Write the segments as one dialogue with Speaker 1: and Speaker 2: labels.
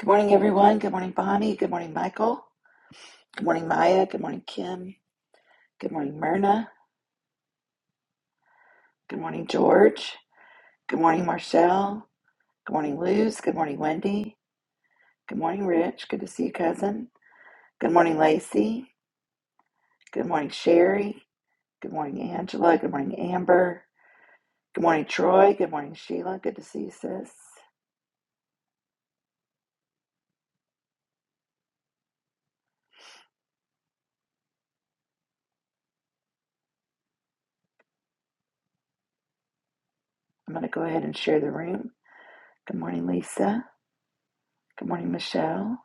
Speaker 1: Good morning, everyone. Good morning, Bonnie. Good morning, Michael. Good morning, Maya. Good morning, Kim. Good morning, Myrna. Good morning, George. Good morning, Marcel. Good morning, Luz. Good morning, Wendy. Good morning, Rich. Good to see you, cousin. Good morning, Lacey. Good morning, Sherry. Good morning, Angela. Good morning, Amber. Good morning, Troy. Good morning, Sheila. Good to see you, sis. I'm going to go ahead and share the room. Good morning, Lisa. Good morning, Michelle.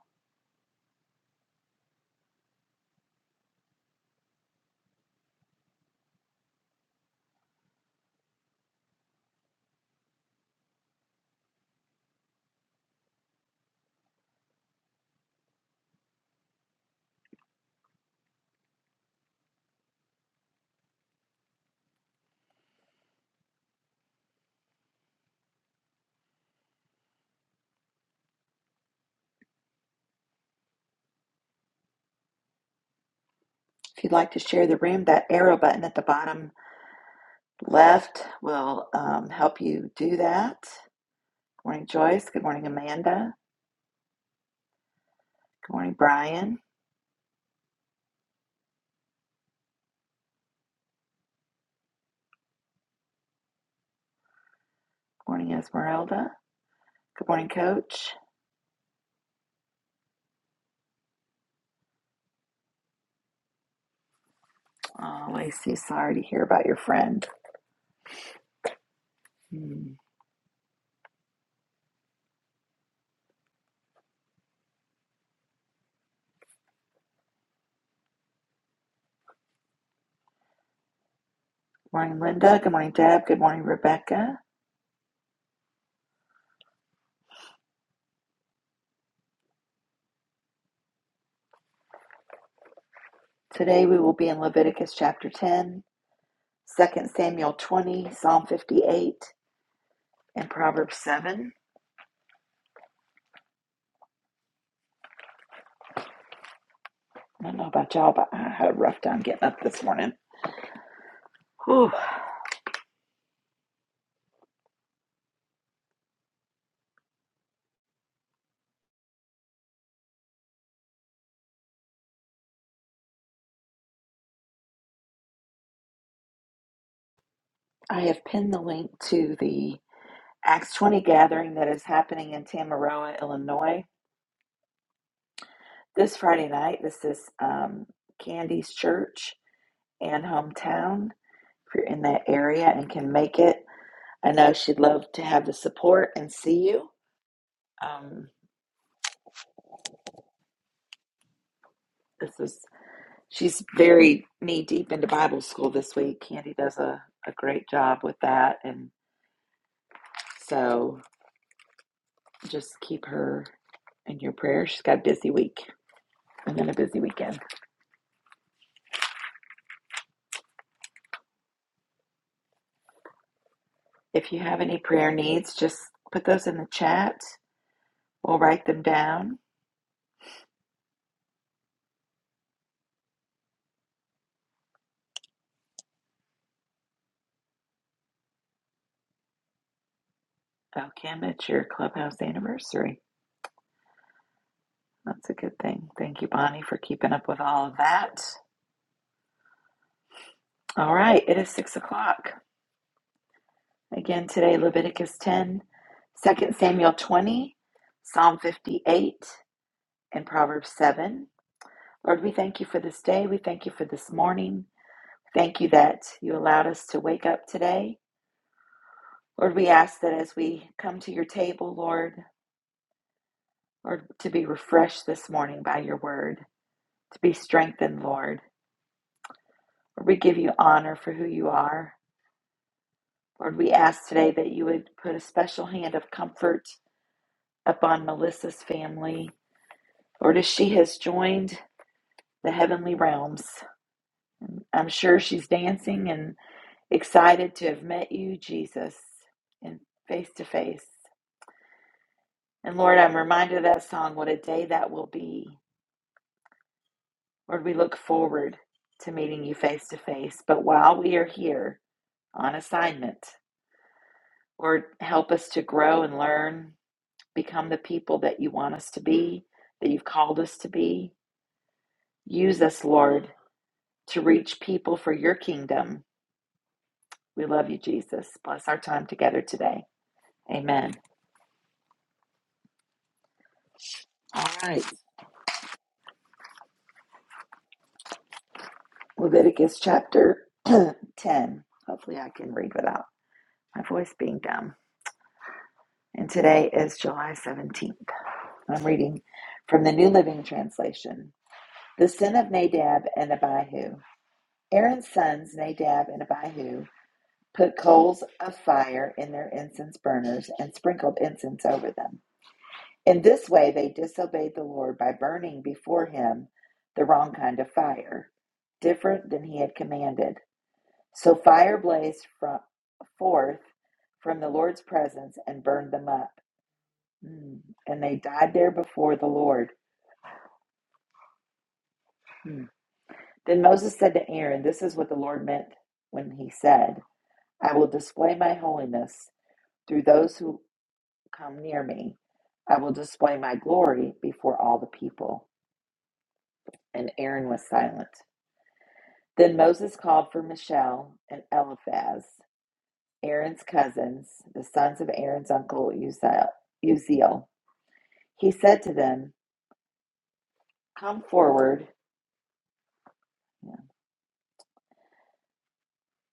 Speaker 1: If you'd like to share the room, that arrow button at the bottom left will um, help you do that. Good morning, Joyce. Good morning, Amanda. Good morning, Brian. Good morning, Esmeralda. Good morning, Coach. Oh, Lacey, sorry to hear about your friend. Hmm. Good morning, Linda. Good morning, Deb. Good morning, Rebecca. Today we will be in Leviticus chapter 10, Second Samuel 20, Psalm 58, and Proverbs 7. I don't know about y'all, but I had a rough time getting up this morning. Whew. I have pinned the link to the Acts 20 gathering that is happening in Tamaroa, Illinois, this Friday night. This is um, Candy's church and hometown. If you're in that area and can make it, I know she'd love to have the support and see you. Um, this is she's very knee deep into Bible school this week. Candy does a, a great job with that, and so just keep her in your prayers. She's got a busy week and then a busy weekend. If you have any prayer needs, just put those in the chat. We'll write them down. Oh, Kim, it's your clubhouse anniversary. That's a good thing. Thank you, Bonnie, for keeping up with all of that. All right, it is six o'clock. Again, today, Leviticus 10, Second Samuel 20, Psalm 58, and Proverbs 7. Lord, we thank you for this day. We thank you for this morning. Thank you that you allowed us to wake up today. Lord, we ask that as we come to your table, Lord, Lord, to be refreshed this morning by your word, to be strengthened, Lord. Lord, we give you honor for who you are. Lord, we ask today that you would put a special hand of comfort upon Melissa's family. Lord, as she has joined the heavenly realms, I'm sure she's dancing and excited to have met you, Jesus, and face to face. And Lord, I'm reminded of that song, what a day that will be. Lord, we look forward to meeting you face to face. But while we are here, on assignment. or help us to grow and learn, become the people that you want us to be, that you've called us to be. Use us, Lord, to reach people for your kingdom. We love you, Jesus. Bless our time together today. Amen. All right. Leviticus chapter 10. Hopefully, I can read without my voice being dumb. And today is July 17th. I'm reading from the New Living Translation. The sin of Nadab and Abihu. Aaron's sons, Nadab and Abihu, put coals of fire in their incense burners and sprinkled incense over them. In this way, they disobeyed the Lord by burning before him the wrong kind of fire, different than he had commanded. So fire blazed from, forth from the Lord's presence and burned them up. Mm. And they died there before the Lord. Mm. Then Moses said to Aaron, This is what the Lord meant when he said, I will display my holiness Through those who come near me, I will display my glory before all the people. And Aaron was silent. Then Moses called for Michelle and Eliphaz, Aaron's cousins, the sons of Aaron's uncle Uzziel. Uzziel. He said to them, Come forward,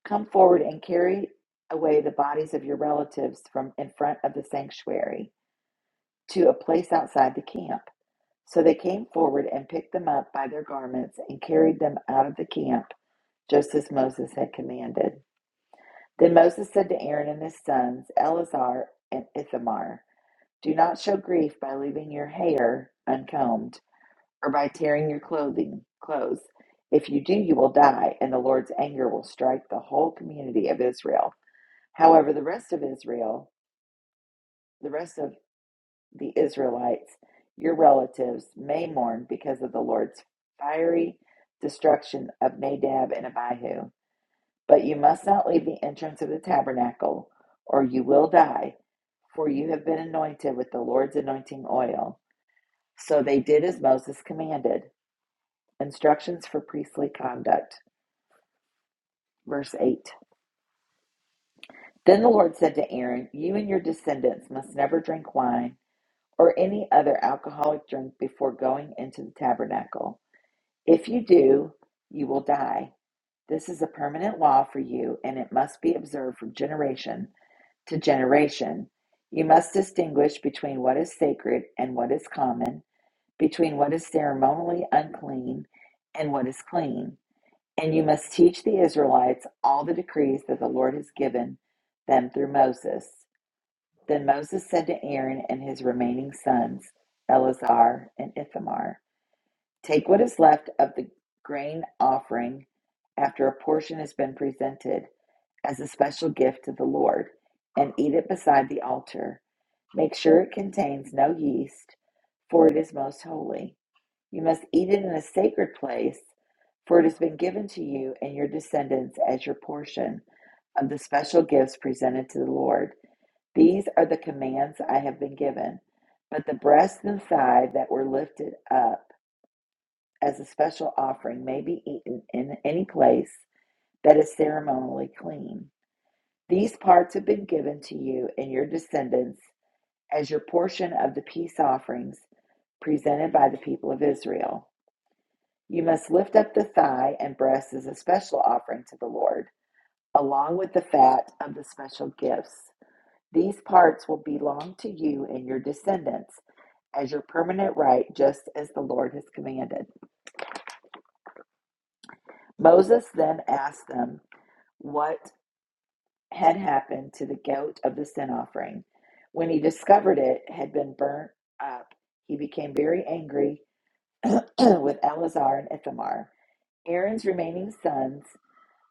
Speaker 1: come forward and carry away the bodies of your relatives from in front of the sanctuary to a place outside the camp. So they came forward and picked them up by their garments and carried them out of the camp just as Moses had commanded. Then Moses said to Aaron and his sons, Eleazar and Ithamar, Do not show grief by leaving your hair uncombed or by tearing your clothing clothes. If you do, you will die, and the Lord's anger will strike the whole community of Israel. However, the rest of Israel, the rest of the Israelites, your relatives, may mourn because of the Lord's fiery destruction of Nadab and Abihu. But you must not leave the entrance of the tabernacle, or you will die, for you have been anointed with the Lord's anointing oil. So they did as Moses commanded. Instructions for priestly conduct. Verse 8 Then the Lord said to Aaron, You and your descendants must never drink wine or any other alcoholic drink before going into the tabernacle. If you do, you will die. This is a permanent law for you, and it must be observed from generation to generation. You must distinguish between what is sacred and what is common, between what is ceremonially unclean and what is clean. And you must teach the Israelites all the decrees that the Lord has given them through Moses. Then Moses said to Aaron and his remaining sons, Eleazar and Ithamar, Take what is left of the grain offering after a portion has been presented as a special gift to the Lord, and eat it beside the altar. Make sure it contains no yeast, for it is most holy. You must eat it in a sacred place, for it has been given to you and your descendants as your portion of the special gifts presented to the Lord. These are the commands I have been given. But the breast and thigh that were lifted up as a special offering may be eaten in any place that is ceremonially clean. These parts have been given to you and your descendants as your portion of the peace offerings presented by the people of Israel. You must lift up the thigh and breast as a special offering to the Lord, along with the fat of the special gifts. These parts will belong to you and your descendants as your permanent right, just as the Lord has commanded. Moses then asked them what had happened to the goat of the sin offering. When he discovered it had been burnt up, he became very angry with Eleazar and Ithamar, Aaron's remaining sons.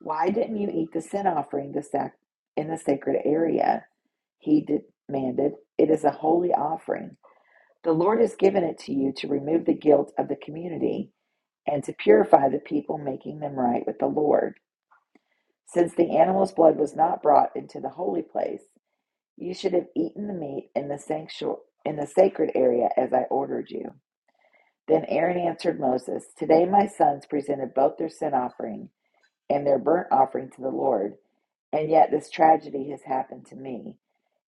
Speaker 1: Why didn't you eat the sin offering the sac- in the sacred area? He demanded. It is a holy offering. The Lord has given it to you to remove the guilt of the community and to purify the people, making them right with the Lord. Since the animal's blood was not brought into the holy place, You should have eaten the meat in the sanctuary in the sacred area as I ordered you. Then Aaron answered Moses, Today my sons presented both their sin offering and their burnt offering to the Lord, and yet this tragedy has happened to me.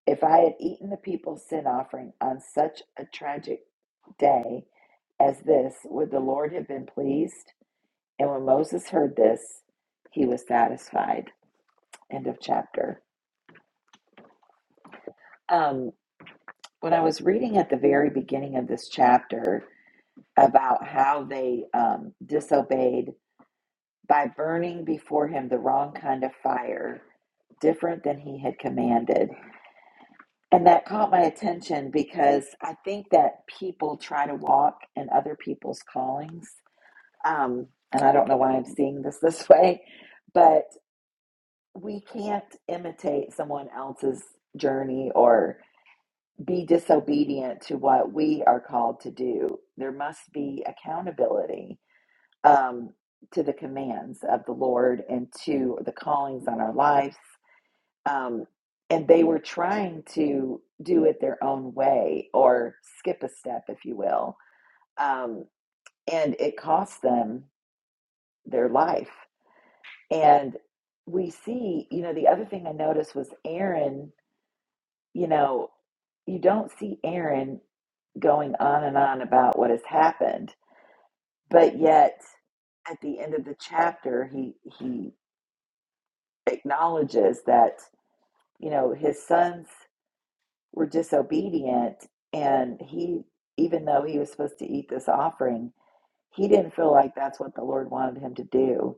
Speaker 1: If I had eaten the people's sin offering on such a tragic day as this, would the Lord have been pleased? And when Moses heard this, he was satisfied. End of chapter. Um, when I was reading at the very beginning of this chapter, about how they um, disobeyed by burning before him the wrong kind of fire, different than he had commanded. And that caught my attention because I think that people try to walk in other people's callings. Um, and I don't know why I'm seeing this this way, but we can't imitate someone else's journey or be disobedient to what we are called to do. There must be accountability um, to the commands of the Lord and to the callings on our lives. Um, and they were trying to do it their own way or skip a step, if you will. Um, and it cost them their life. And we see, you know, the other thing I noticed was Aaron, you know, you don't see Aaron going on and on about what has happened, but yet at the end of the chapter, he he acknowledges that you know his sons were disobedient and he even though he was supposed to eat this offering he didn't feel like that's what the lord wanted him to do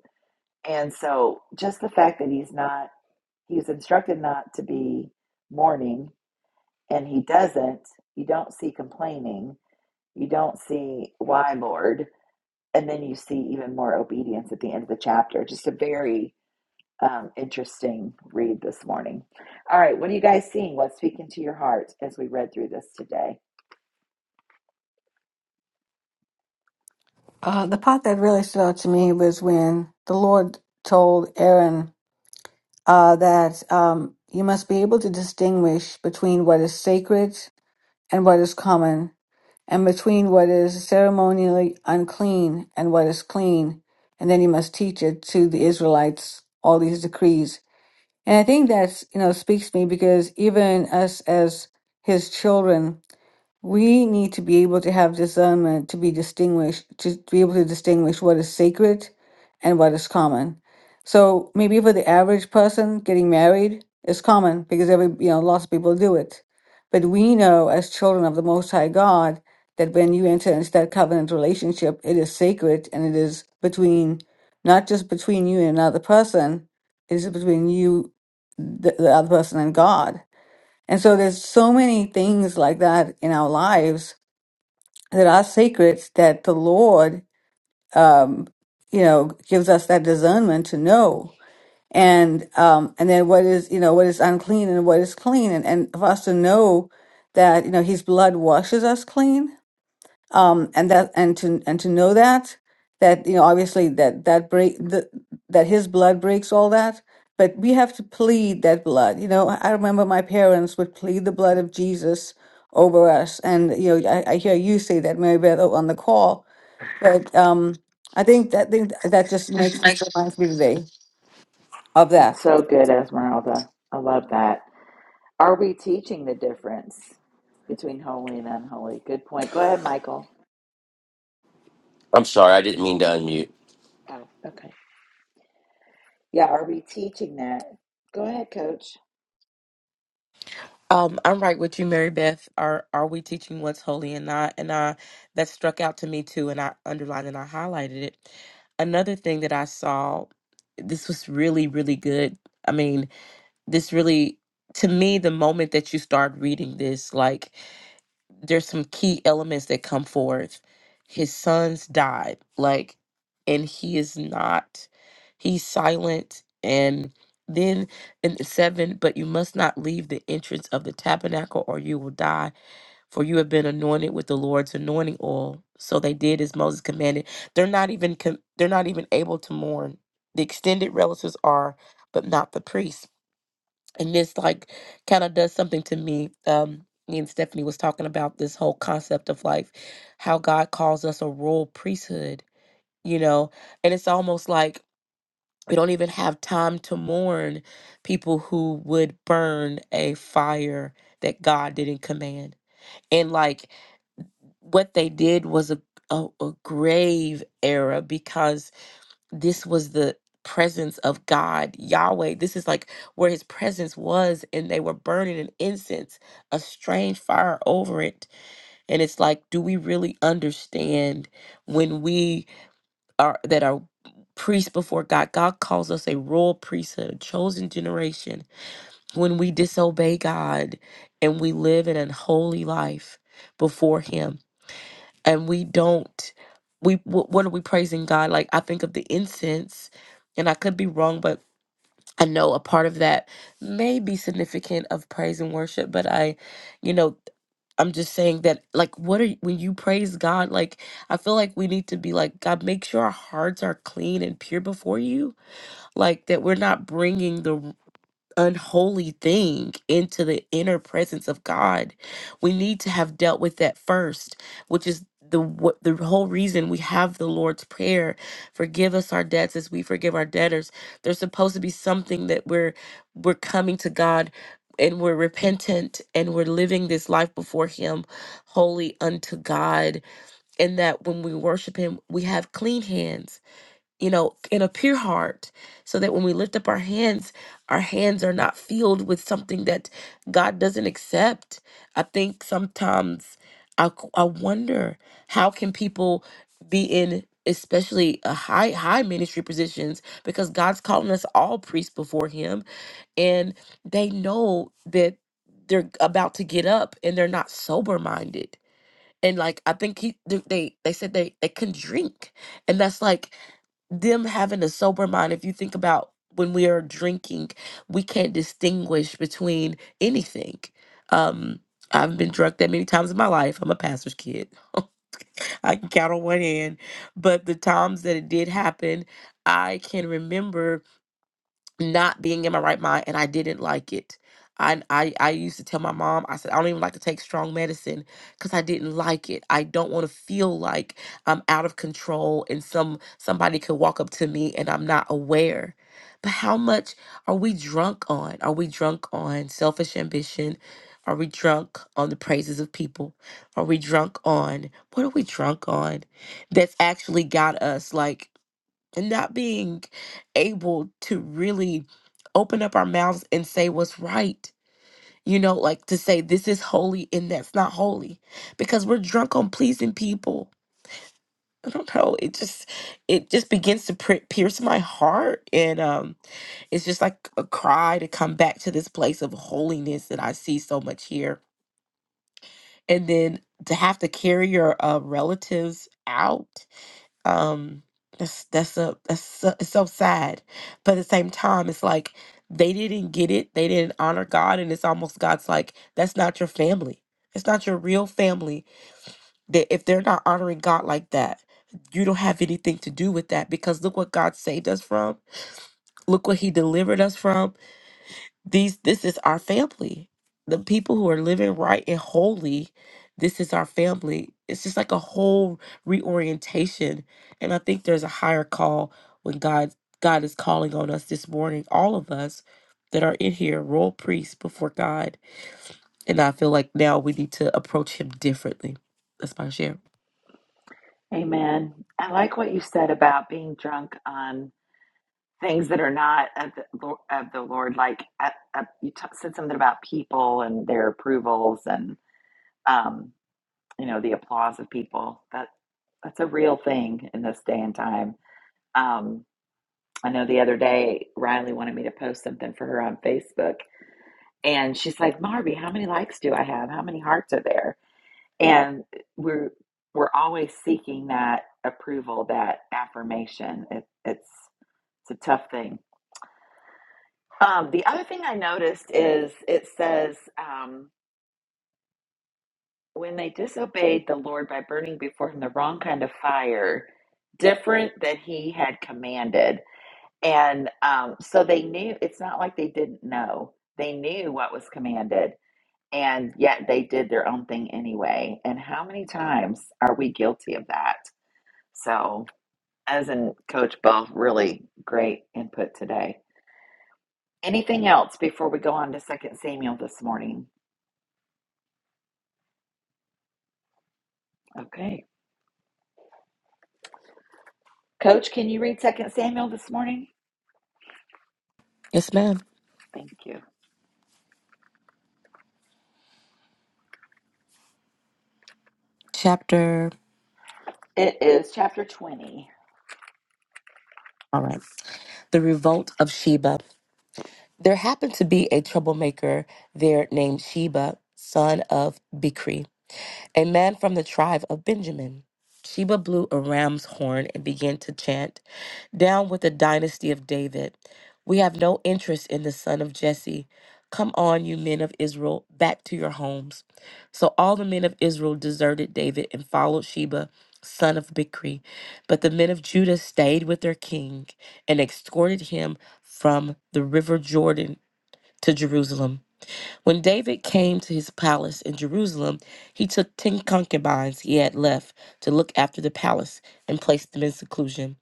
Speaker 1: and so just the fact that he's not he was instructed not to be mourning and he doesn't you don't see complaining you don't see why lord and then you see even more obedience at the end of the chapter just a very um, interesting read this morning. All right, what are you guys seeing? What's speaking to your heart as we read through this today?
Speaker 2: Uh, the part that really stood out to me was when the Lord told Aaron uh, that um, you must be able to distinguish between what is sacred and what is common, and between what is ceremonially unclean and what is clean. And then you must teach it to the Israelites, all these decrees. And I think that's, you know, speaks to me because even us as his children, we need to be able to have discernment to be distinguished, to be able to distinguish what is sacred and what is common. So maybe for the average person, getting married is common because every, you know, lots of people do it. But we know as children of the Most High God that when you enter into that covenant relationship, it is sacred and it is between, not just between you and another person, it is between you, the, the other person, and God. And so there's so many things like that in our lives that our secrets that the Lord, um, you know, gives us that discernment to know, and um, and then what is you know what is unclean and what is clean, and and for us to know that you know His blood washes us clean, um, and that and to and to know that that you know obviously that that break the, that His blood breaks all that. But we have to plead that blood. You know, I remember my parents would plead the blood of Jesus over us. And you know, I, I hear you say that, Mary Beth, on the call. But um, I think that think that just makes
Speaker 3: I-
Speaker 2: reminds me today of
Speaker 1: It's
Speaker 2: that.
Speaker 1: so good, Esmeralda. I love that. Are we teaching the difference between holy and unholy? Good point. Go ahead, Michael.
Speaker 3: I'm sorry, I didn't mean to unmute.
Speaker 1: Oh, okay. Yeah, are we teaching that? Go ahead, coach.
Speaker 4: Um, I'm right with you, Mary Beth. Are are we teaching what's holy and not? And I that struck out to me too, and I underlined and I highlighted it. Another thing that I saw, this was really, really good. I mean, this really to me, the moment that you start reading this, like there's some key elements that come forth. His sons died, like, and he is not, he's silent. And then in the seven, but you must not leave the entrance of the tabernacle or you will die, for you have been anointed with the Lord's anointing oil. So they did as Moses commanded. They're not even, com- they're not even able to mourn. The extended relatives are, but not the priests and this like kind of does something to me um me and stephanie was talking about this whole concept of life how god calls us a royal priesthood you know and it's almost like we don't even have time to mourn people who would burn a fire that god didn't command and like what they did was a a, a grave error because this was the presence of God, Yahweh. This is like where his presence was, and they were burning an incense, a strange fire over it. And it's like, do we really understand when we are that are priests before God? God calls us a royal priesthood, a chosen generation. When we disobey God and we live an unholy life before him, and we don't we wh- what are we praising god like i think of the incense and i could be wrong but i know a part of that may be significant of praise and worship but i you know i'm just saying that like what are y- when you praise god like i feel like we need to be like god make sure our hearts are clean and pure before you like that we're not bringing the unholy thing into the inner presence of God. We need to have dealt with that first, which is the what the whole reason we have the Lord's prayer, forgive us our debts as we forgive our debtors. There's supposed to be something that we're we're coming to God and we're repentant and we're living this life before him holy unto God and that when we worship him we have clean hands you know, in a pure heart, so that when we lift up our hands, our hands are not filled with something that God doesn't accept. I think sometimes I, q- I wonder how can people be in especially a high high ministry positions because God's calling us all priests before him and they know that they're about to get up and they're not sober minded and like I think he they they they said they they can drink and that's like them having a sober mind, if you think about when we are drinking, we can't distinguish between anything. Um, I've been drunk that many times in my life. I'm a pastor's kid. I can count on one hand. But the times that it did happen, I can remember not being in my right mind and I didn't like it. I, I, I used to tell my mom, I said, I don't even like to take strong medicine because I didn't like it. I don't want to feel like I'm out of control and some somebody could walk up to me and I'm not aware. But how much are we drunk on? Are we drunk on selfish ambition? Are we drunk on the praises of people? Are we drunk on what are we drunk on that's actually got us like and not being able to really open up our mouths and say what's right. You know, like to say this is holy and that's not holy because we're drunk on pleasing people. I don't know. It just it just begins to pri- pierce my heart and um it's just like a cry to come back to this place of holiness that I see so much here. And then to have to carry your uh, relatives out um that's that's a that's so, it's so sad but at the same time it's like they didn't get it they didn't honor god and it's almost god's like that's not your family it's not your real family that if they're not honoring god like that you don't have anything to do with that because look what god saved us from look what he delivered us from these this is our family the people who are living right and holy this is our family it's just like a whole reorientation and i think there's a higher call when god god is calling on us this morning all of us that are in here royal priests before god and i feel like now we need to approach him differently that's my share
Speaker 1: Amen. I like what you said about being drunk on things that are not of the, of the Lord. Like uh, uh, you t- said something about people and their approvals and um, you know the applause of people. That that's a real thing in this day and time. Um, I know the other day Riley wanted me to post something for her on Facebook, and she's like, "Marby, how many likes do I have? How many hearts are there?" And we're we're always seeking that approval, that affirmation. It, it's it's a tough thing. Um, the other thing I noticed is it says, um, when they disobeyed the Lord by burning before him the wrong kind of fire, different than he had commanded. And um, so they knew, it's not like they didn't know. They knew what was commanded, and yet they did their own thing anyway. And how many times are we guilty of that? So, as in Coach Bo, really great input today. Anything else before we go on to Second Samuel this morning? Okay. Coach, can you read Second Samuel this morning?
Speaker 4: yes ma'am
Speaker 1: Thank you.
Speaker 4: chapter
Speaker 1: It is chapter 20.
Speaker 4: all right the revolt of sheba There happened to be a troublemaker there named Sheba, son of Bichri, a man from the tribe of Benjamin. Sheba blew a ram's horn and began to chant, Down with the dynasty of David. We have no interest in the son of Jesse. Come on, you men of Israel, back to your homes. So all the men of Israel deserted David and followed Sheba, son of Bichri. But the men of Judah stayed with their king and escorted him from the river Jordan to Jerusalem. When David came to his palace in Jerusalem, he took ten concubines he had left to look after the palace and placed them in seclusion.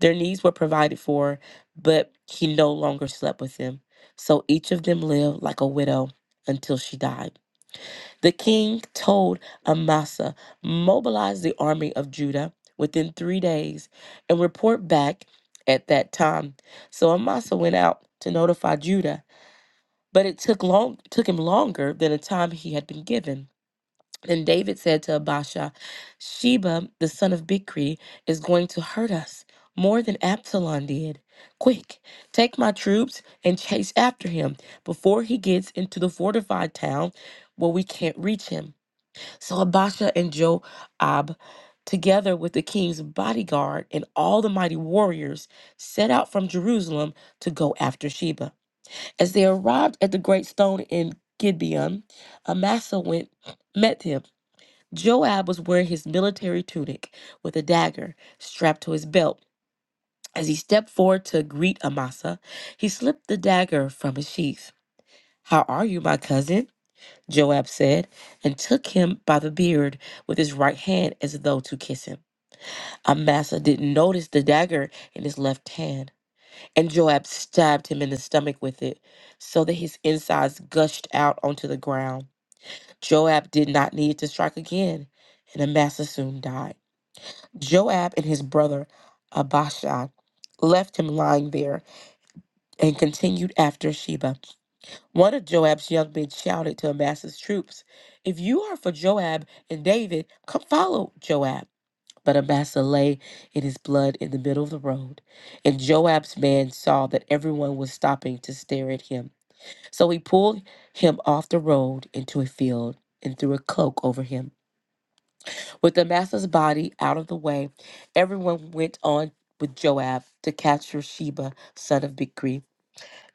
Speaker 4: Their needs were provided for, but he no longer slept with them. So each of them lived like a widow until she died. The king told Amasa, mobilize the army of Judah within three days and report back at that time. So Amasa went out to notify Judah but it took long took him longer than the time he had been given. And David said to Abasha, Sheba, the son of Bichri, is going to hurt us more than Absalom did. Quick, take my troops and chase after him before he gets into the fortified town where we can't reach him. So Abasha and Joab, together with the king's bodyguard and all the mighty warriors, set out from Jerusalem to go after Sheba. As they arrived at the great stone in Gibeon, Amasa went met him. Joab was wearing his military tunic with a dagger strapped to his belt. As he stepped forward to greet Amasa, he slipped the dagger from his sheath. How are you, my cousin? Joab said, and took him by the beard with his right hand as though to kiss him. Amasa didn't notice the dagger in his left hand. And Joab stabbed him in the stomach with it, so that his insides gushed out onto the ground. Joab did not need to strike again, and Amasa soon died. Joab and his brother Abishai left him lying there and continued after Sheba. One of Joab's young men shouted to Amasa's troops, If you are for Joab and David, come follow Joab. But Amasa lay in his blood in the middle of the road. And Joab's man saw that everyone was stopping to stare at him. So he pulled him off the road into a field and threw a cloak over him. With Amasa's body out of the way, everyone went on with Joab to capture Sheba, son of Bichri.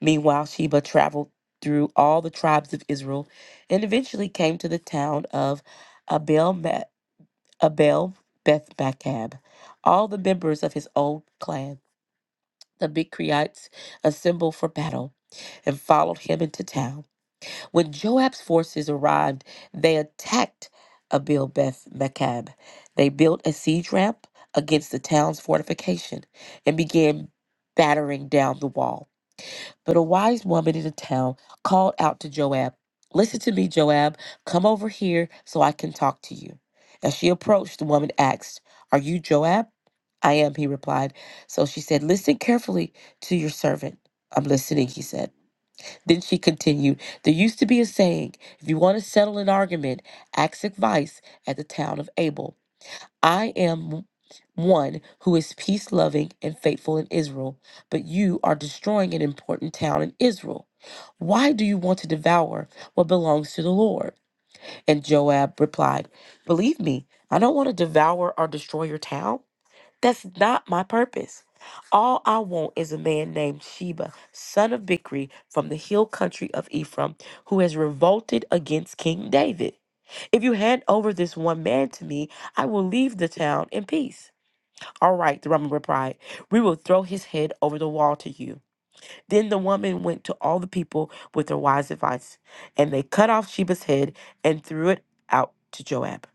Speaker 4: Meanwhile, Sheba traveled through all the tribes of Israel and eventually came to the town of Abel Abel, Beth Bacab, all the members of his own clan. The Michrites assembled for battle and followed him into town. When Joab's forces arrived, they attacked Abel Beth Macab. They built a siege ramp against the town's fortification and began battering down the wall. But a wise woman in the town called out to Joab, Listen to me, Joab. Come over here so I can talk to you. As she approached, the woman asked, Are you Joab? I am, he replied. So she said, Listen carefully to your servant. I'm listening, he said. Then she continued, There used to be a saying, if you want to settle an argument, ask advice at the town of Abel. I am one who is peace loving and faithful in Israel, but you are destroying an important town in Israel. Why do you want to devour what belongs to the Lord? And Joab replied, Believe me, I don't want to devour or destroy your town. That's not my purpose. All I want is a man named Sheba, son of Bichri, from the hill country of Ephraim, who has revolted against King David. If you hand over this one man to me, I will leave the town in peace. All right, the woman replied, We will throw his head over the wall to you. Then the woman went to all the people with her wise advice, and they cut off Sheba's head and threw it out to Joab.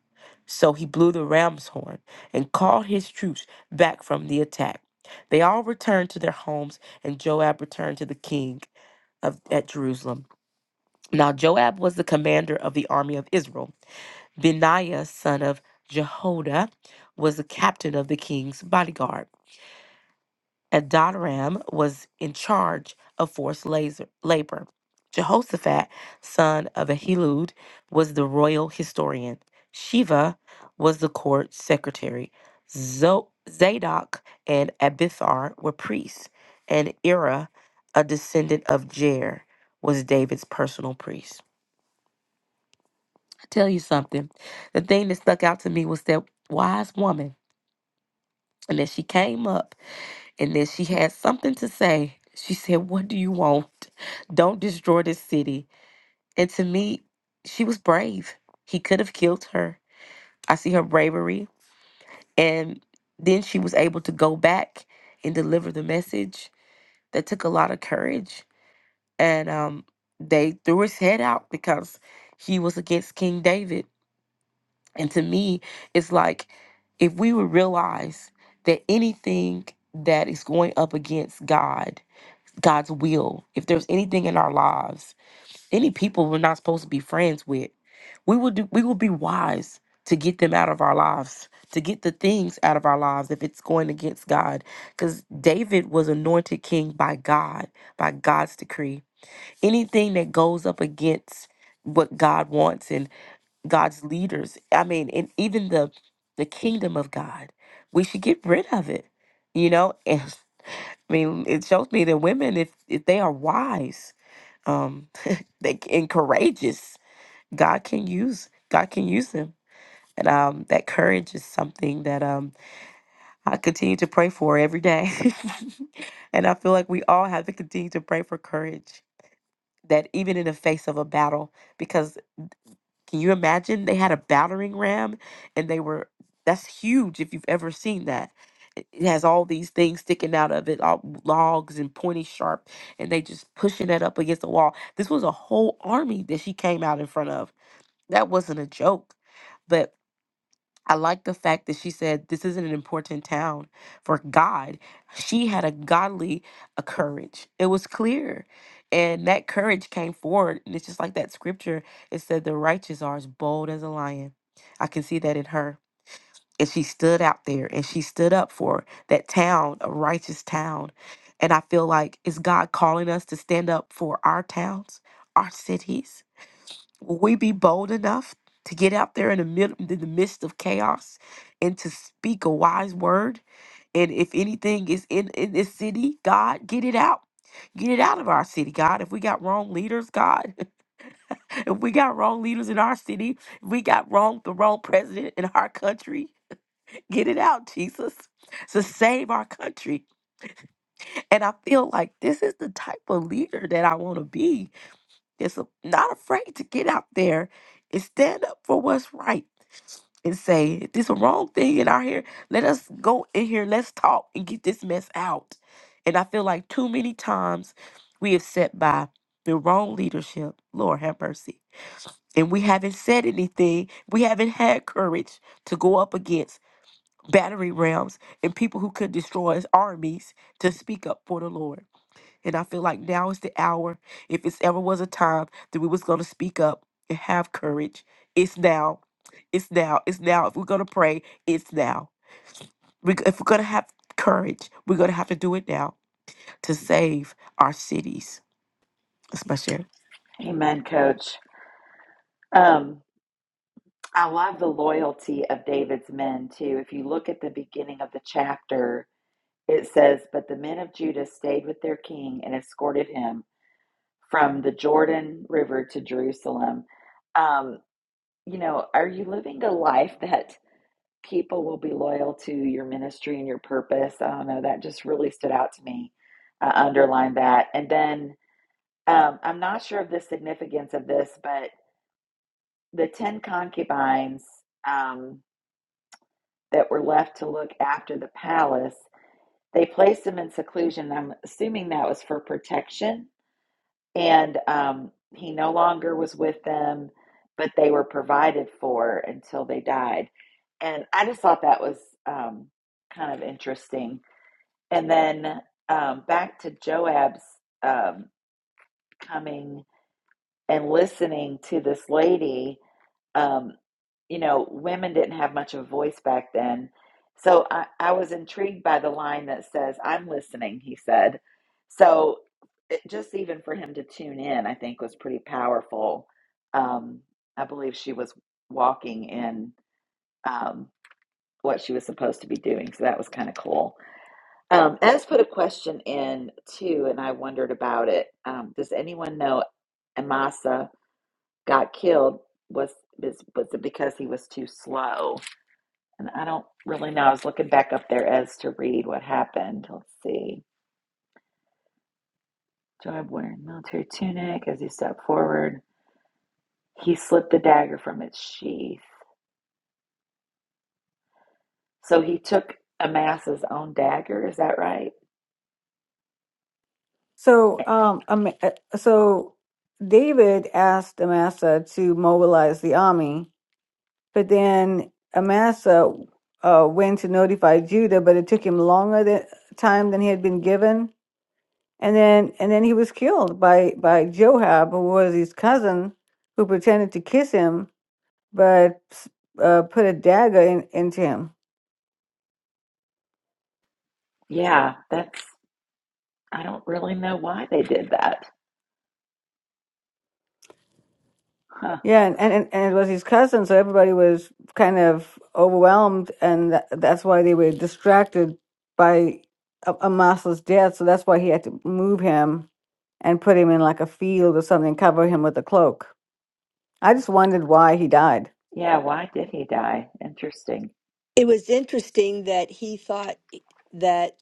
Speaker 4: So he blew the ram's horn and called his troops back from the attack. They all returned to their homes, and Joab returned to the king of, at Jerusalem. Now Joab was the commander of the army of Israel Benaiah, son of Jehoiada, was the captain of the king's bodyguard. Adoram was in charge of forced laser- labor. Jehoshaphat, son of Ahilud, was the royal historian. Shiva was the court secretary. Zo- Zadok and Abithar were priests. And Ira, a descendant of Jer, was David's personal priest. tell you something. The thing that stuck out to me was that wise woman, and that she came up and that she had something to say. She said, What do you want? Don't destroy this city. And to me, she was brave. He could have killed her. I see her bravery. And then she was able to go back and deliver the message. That took a lot of courage. And um, they threw his head out because he was against King David And to me, it's like if we would realize that anything that is going up against God, God's will, if there's anything in our lives, any people we're not supposed to be friends with, we will do we will be wise to get them out of our lives, to get the things out of our lives if it's going against God. Because David was anointed king by God, by God's decree. Anything that goes up against what God wants and God's leaders. I mean, and even the the kingdom of God. We should get rid of it. You know, and I mean, it shows me that women, if if they are wise, um, they c- and courageous, God can use God can use them. And um, that courage is something that um, I continue to pray for every day. and I feel like we all have to continue to pray for courage. That even in the face of a battle, because. Can you imagine? They had a battering ram and they were, that's huge if you've ever seen that. It it has all these things sticking out of it, all logs and pointy sharp, and they just pushing it up against the wall. This was a whole army that she came out in front of. That wasn't a joke. But I like the fact that she said this isn't an important town for God. She had a godly a courage. It was clear. And that courage came forward. And it's just like that scripture. It said the righteous are as bold as a lion. I can see that in her. And she stood out there and she stood up for that town, a righteous town. And I feel like is God calling us to stand up for our towns, our cities? Will we be bold enough to get out there in the, mid- in the midst of chaos and to speak a wise word? And if anything is in, in this city, God, get it out. Get it out of our city, God. If we got wrong leaders, God, if we got wrong leaders in our city, if we got wrong the wrong president in our country, get it out, Jesus. To save our country. And I feel like this is the type of leader that I want to be they not afraid to get out there and stand up for what's right and say, if this a wrong thing in our here, let us go in here, let's talk and get this mess out. And I feel like too many times we have sat by the wrong leadership, Lord have mercy. And we haven't said anything. We haven't had courage to go up against battery rams and people who could destroy his armies to speak up for the Lord. And I feel like now is the hour. If it's ever was a time that we was gonna speak up and have courage, it's now. It's now. It's now. If we're gonna pray, it's now. We, if we're gonna have courage, we're gonna have to do it now to save our cities. That's my share.
Speaker 1: Amen, Coach. Um, I love the loyalty of David's men, too. If you look at the beginning of the chapter, it says, But the men of Judah stayed with their king and escorted him from the Jordan River to Jerusalem. Um, you know, are you living a life that people will be loyal to your ministry and your purpose? I don't know. That just really stood out to me. I underlined that. And then Um, I'm not sure of the significance of this, but the 10 concubines um, that were left to look after the palace, they placed him in seclusion. I'm assuming that was for protection. And um, he no longer was with them, but they were provided for until they died. And I just thought that was um, kind of interesting. And then um, back to Joab's um, coming and listening to this lady um, you know, women didn't have much of a voice back then. So I, I was intrigued by the line that says, I'm listening, he said. So it, just even for him to tune in, I think was pretty powerful. Um, I believe she was walking in um, what she was supposed to be doing. So that was kind of cool. Um, Ez put a question in too, and I wondered about it. Um, does anyone know Amasa? got killed was is was it because he was too slow? And I don't really know. I was looking back up there as to read what happened. Let's see. Joab wearing military tunic as he stepped forward. He slipped the dagger from its sheath. So he took Amasa's own dagger, is that right?
Speaker 2: So, um, Ama- uh, so David asked Amasa to mobilize the army, but then Amasa uh, went to notify Judah, but it took him longer than, time than he had been given, and then and then he was killed by by Joab, who was his cousin, who pretended to kiss him, but uh, put a dagger in, into him.
Speaker 1: Yeah, that's I don't really know why they did that. Huh.
Speaker 2: Yeah, and, and, and it was his cousin, so everybody was kind of overwhelmed, and tha that's why they were distracted by A- Amasa's death. So that's why he had to move him and put him in like a field or something, cover him with a cloak. I just wondered why he died.
Speaker 1: Yeah, why did he die? Interesting.
Speaker 5: It was interesting that he thought that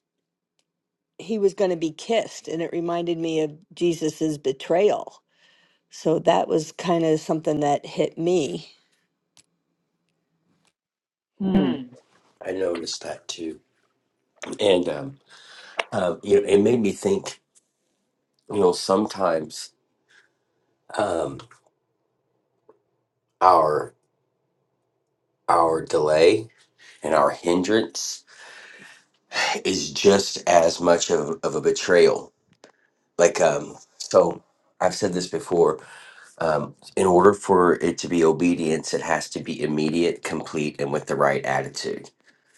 Speaker 5: he was going to be kissed, and it reminded me of Jesus's betrayal. So that was kind of something that hit me.
Speaker 1: Hmm.
Speaker 3: I noticed that too, and um, uh, you know, it made me think. You know, sometimes um, our our delay and our hindrance is just as much of, of a betrayal. Like, um, so I've said this before. Um, in order for it to be obedience, it has to be immediate, complete, and with the right attitude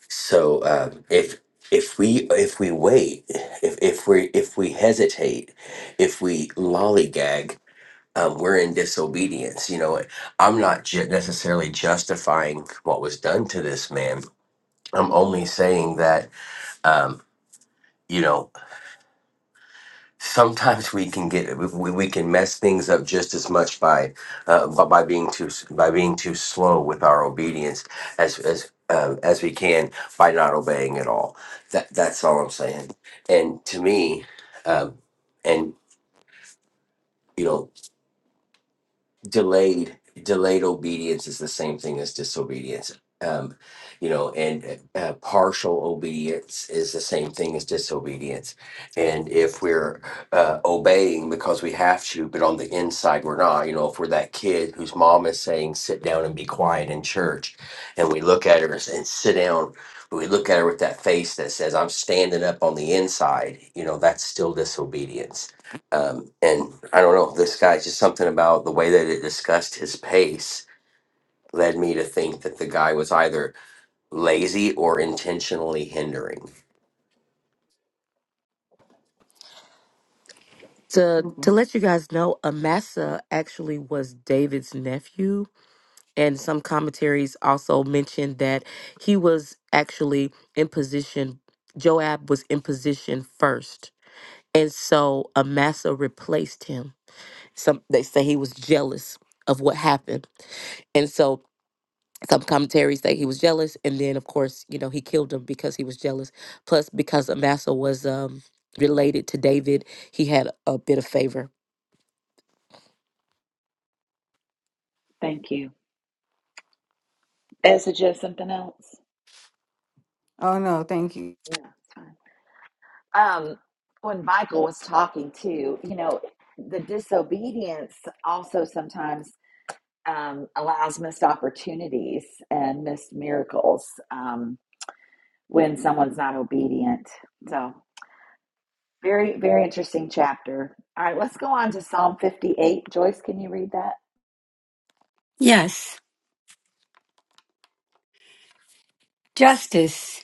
Speaker 3: So um, if if we if we wait, if if we if we hesitate, if we lollygag, um, we're in disobedience. You know, I'm not ju- necessarily justifying what was done to this man. I'm only saying that um, you know sometimes we can get we, we can mess things up just as much by uh, by being too by being too slow with our obedience as as um, as we can by not obeying at all. That that's all I'm saying. And to me, um, and you know delayed delayed obedience is the same thing as disobedience um you know and uh, uh, partial obedience is the same thing as disobedience and if we're uh, obeying because we have to but on the inside we're not you know if we're that kid whose mom is saying sit down and be quiet in church and we look at her and s- and sit down but we look at her with that face that says i'm standing up on the inside you know that's still disobedience um, and I don't know, this guy just something about the way that it discussed his pace led me to think that the guy was either lazy or intentionally hindering.
Speaker 4: To to
Speaker 2: Mhm.
Speaker 4: let you guys know, Amasa actually was David's nephew. and some commentaries also mentioned that he was actually in position joab was in position first and so amasa replaced him some they say he was jealous of what happened and so some commentaries say he was jealous and then of course you know he killed him because he was jealous plus because amasa was um related to david he had a bit of favor
Speaker 1: Thank you. Ezra, do you have something else?
Speaker 2: Oh no, thank you.
Speaker 1: Yeah. that's fine. um, when Michael was talking too, you know, the disobedience also sometimes um, allows missed opportunities and missed miracles um, when someone's not obedient. So, very, very interesting chapter. All right, let's go on to Psalm 58. Joyce, can you read that?
Speaker 6: Yes. Justice.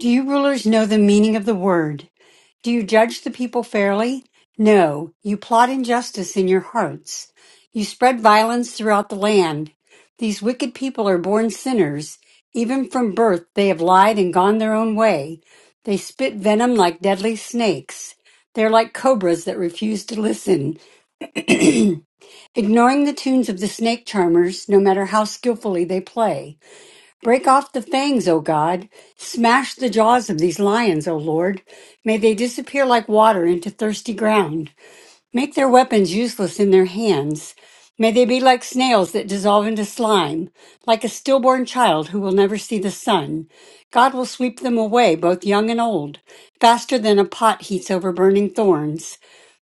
Speaker 6: Do you rulers know the meaning of the word? Do you judge the people fairly? No, you plot injustice in your hearts. You spread violence throughout the land. These wicked people are born sinners. Even from birth, they have lied and gone their own way. They spit venom like deadly snakes. They're like cobras that refuse to listen, ignoring the tunes of the snake charmers, no matter how skillfully they play. Break off the fangs, O God. Smash the jaws of these lions, O Lord. May they disappear like water into thirsty ground. Make their weapons useless in their hands. May they be like snails that dissolve into slime, like a stillborn child who will never see the sun. God will sweep them away, both young and old, faster than a pot heats over burning thorns.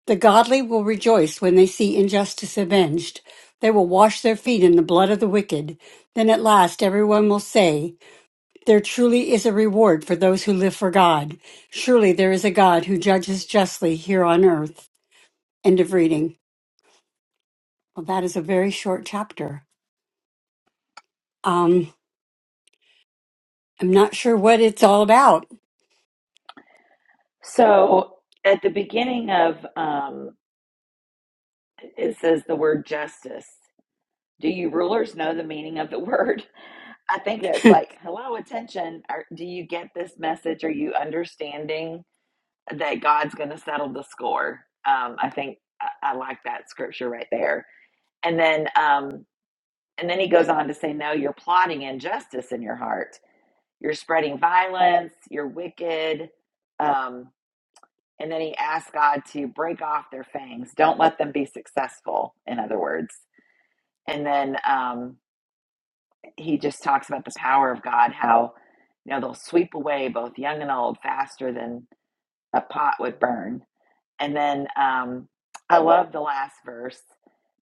Speaker 6: The godly will rejoice when they see injustice avenged. They will wash their feet in the blood of the wicked. Then at last everyone will say, There truly is a reward for those who live for God. Surely there is a God who judges justly here on earth. End of reading. Well, that is a very short chapter. Um, I'm not sure what it's all about.
Speaker 1: So, at the beginning of um, it says the word justice. Do you rulers know the meaning of the word? I think that's like, hello, attention. Are, do you get this message? Are you understanding that God's going to settle the score? Um, I think I, I like that scripture right there. And then, um, and then he goes on to say, no, you're plotting injustice in your heart. You're spreading violence. You're wicked. Um, and then he asks God to break off their fangs. Don't let them be successful. In other words, and then. Um, he just talks about the power of God, how you know they'll sweep away both young and old faster than a pot would burn. And then um, I love the last verse.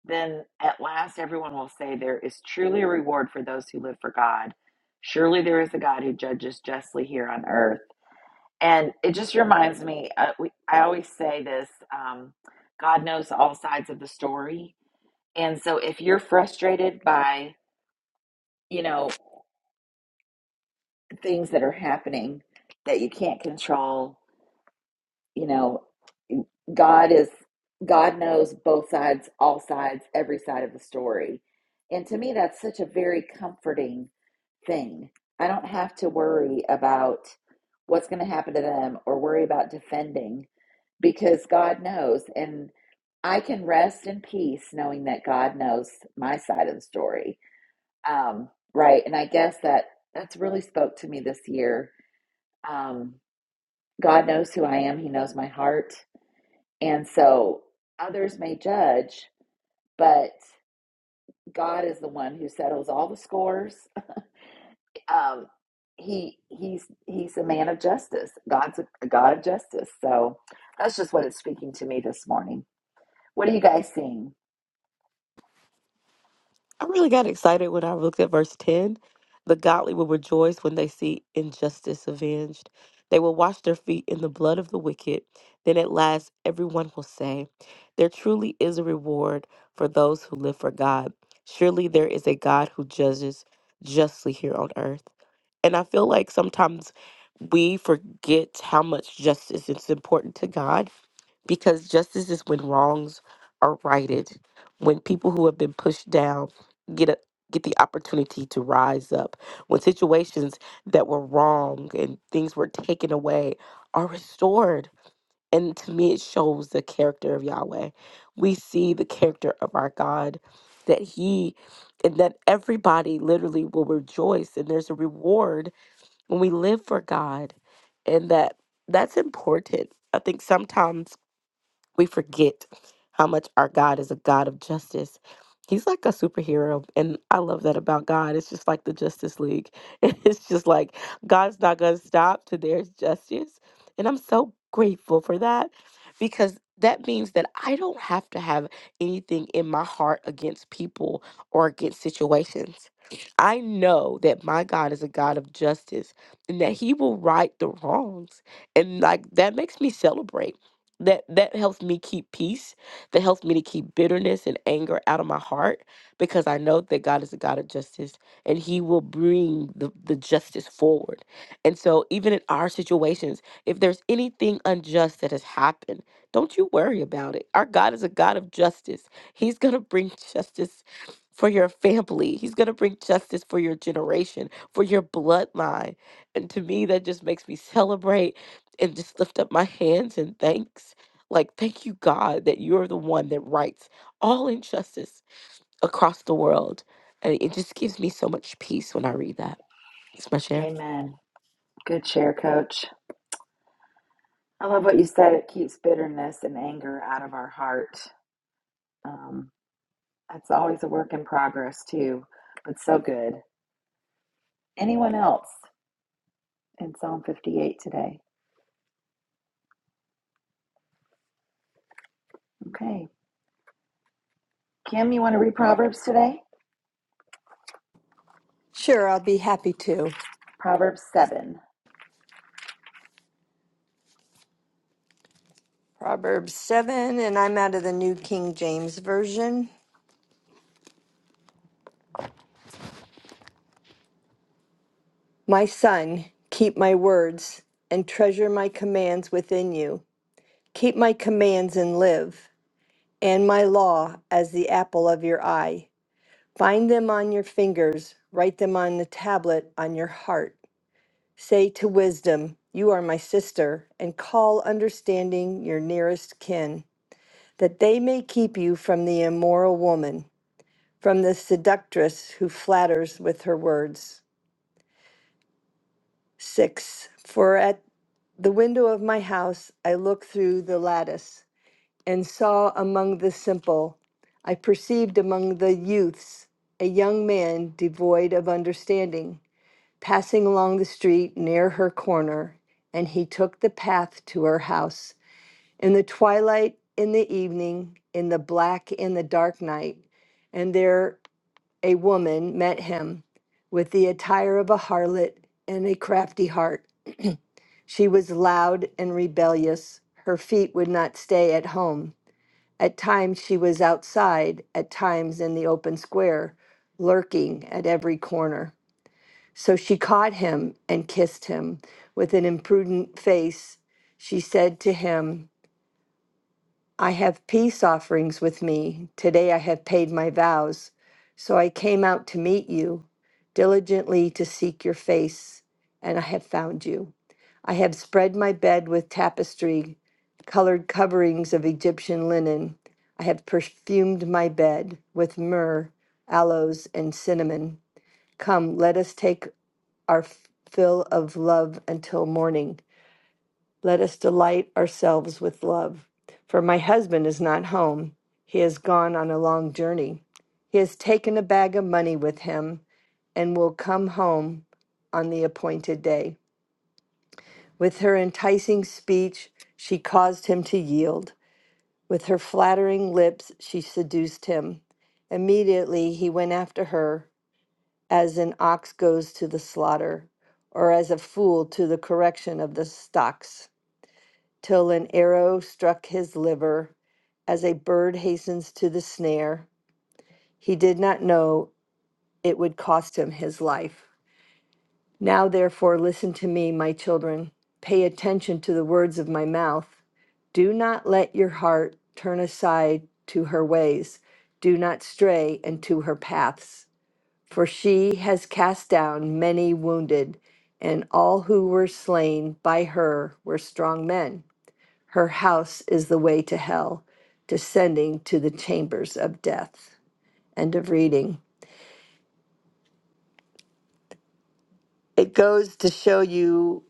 Speaker 1: Then at last everyone will say, There is truly a reward for those who live for God. Surely there is a God who judges justly here on earth. And it just reminds me, uh, we, I always say this um, God knows all sides of the story. And so if you're frustrated by, you know things that are happening that you can't control. You know, God is God knows both sides, all sides, every side of the story. And to me that's such a very comforting thing. I don't have to worry about what's going to happen to them or worry about defending because God knows and I can rest in peace knowing that God knows my side of the story. Um, right. And I guess that that's really spoke to me this year. Um, God knows who I am, He knows my heart. And so others may judge, but God is the one who settles all the scores. Um, he he's he's a man of justice. God's a, a God of justice. So that's just what it's speaking to me this morning. What are you guys seeing?
Speaker 4: I really got excited when I looked at verse 10. The godly will rejoice when they see injustice avenged. They will wash their feet in the blood of the wicked. Then at last, everyone will say, There truly is a reward for those who live for God. Surely there is a God who judges justly here on earth. And I feel like sometimes we forget how much justice is important to God because justice is when wrongs are righted, when people who have been pushed down get a get the opportunity to rise up when situations that were wrong and things were taken away are restored and to me it shows the character of Yahweh we see the character of our God that he and that everybody literally will rejoice and there's a reward when we live for God and that that's important i think sometimes we forget how much our God is a God of justice. He's like a superhero, and I love that about God. It's just like the Justice League. It's just like God's not going to stop till there's justice. And I'm so grateful for that because that means that I don't have to have anything in my heart against people or against situations. I know that my God is a God of justice and that He will right the wrongs. And like that makes me celebrate that that helps me keep peace that helps me to keep bitterness and anger out of my heart because i know that god is a god of justice and he will bring the, the justice forward and so even in our situations if there's anything unjust that has happened don't you worry about it our god is a god of justice he's going to bring justice for your family he's going to bring justice for your generation for your bloodline and to me that just makes me celebrate and just lift up my hands and thanks. Like, thank you, God, that you're the one that rights all injustice across the world. And it just gives me so much peace when I read that. It's my share.
Speaker 1: Amen. Good share, Coach. I love what you said. It keeps bitterness and anger out of our heart. Um, that's always a work in progress too, but so good. Anyone else? and Psalm 58 today. Okay. Kim, you want to read Proverbs today?
Speaker 5: Sure, I'll be happy to.
Speaker 1: Proverbs 7.
Speaker 5: Proverbs 7, and I'm out of the New King James Version. My son, keep my words and treasure my commands within you. Keep my commands and live, and my law as the apple of your eye. Find them on your fingers, write them on the tablet on your heart. Say to wisdom, You are my sister, and call understanding your nearest kin, that they may keep you from the immoral woman, from the seductress who flatters with her words. 6. For at the window of my house I looked through the lattice, and saw among the simple, I perceived among the youths, a young man devoid of understanding passing along the street near her corner, and he took the path to her house. In the twilight, in the evening, in the black, in the dark night, and there a woman met him with the attire of a harlot and a crafty heart. She was loud and rebellious. Her feet would not stay at home. At times she was outside, at times in the open square, lurking at every corner. So she caught him and kissed him. With an imprudent face, she said to him, I have peace offerings with me. Today I have paid my vows. So I came out to meet you, diligently to seek your face, and I have found you. I have spread my bed with tapestry, colored coverings of Egyptian linen. I have perfumed my bed with myrrh, aloes, and cinnamon. Come, let us take our fill of love until morning. Let us delight ourselves with love. For my husband is not home. He has gone on a long journey. He has taken a bag of money with him and will come home on the appointed day. With her enticing speech, she caused him to yield. With her flattering lips, she seduced him. Immediately he went after her as an ox goes to the slaughter, or as a fool to the correction of the stocks, till an arrow struck his liver, as a bird hastens to the snare. He did not know it would cost him his life. Now, therefore, listen to me, my children. Pay attention to the words of my mouth. Do not let your heart turn aside to her ways. Do not stray into her paths. for she has cast down many wounded, and all who were slain by her were strong men. Her house is the way to hell, descending to the chambers of death. End of reading. It goes to show you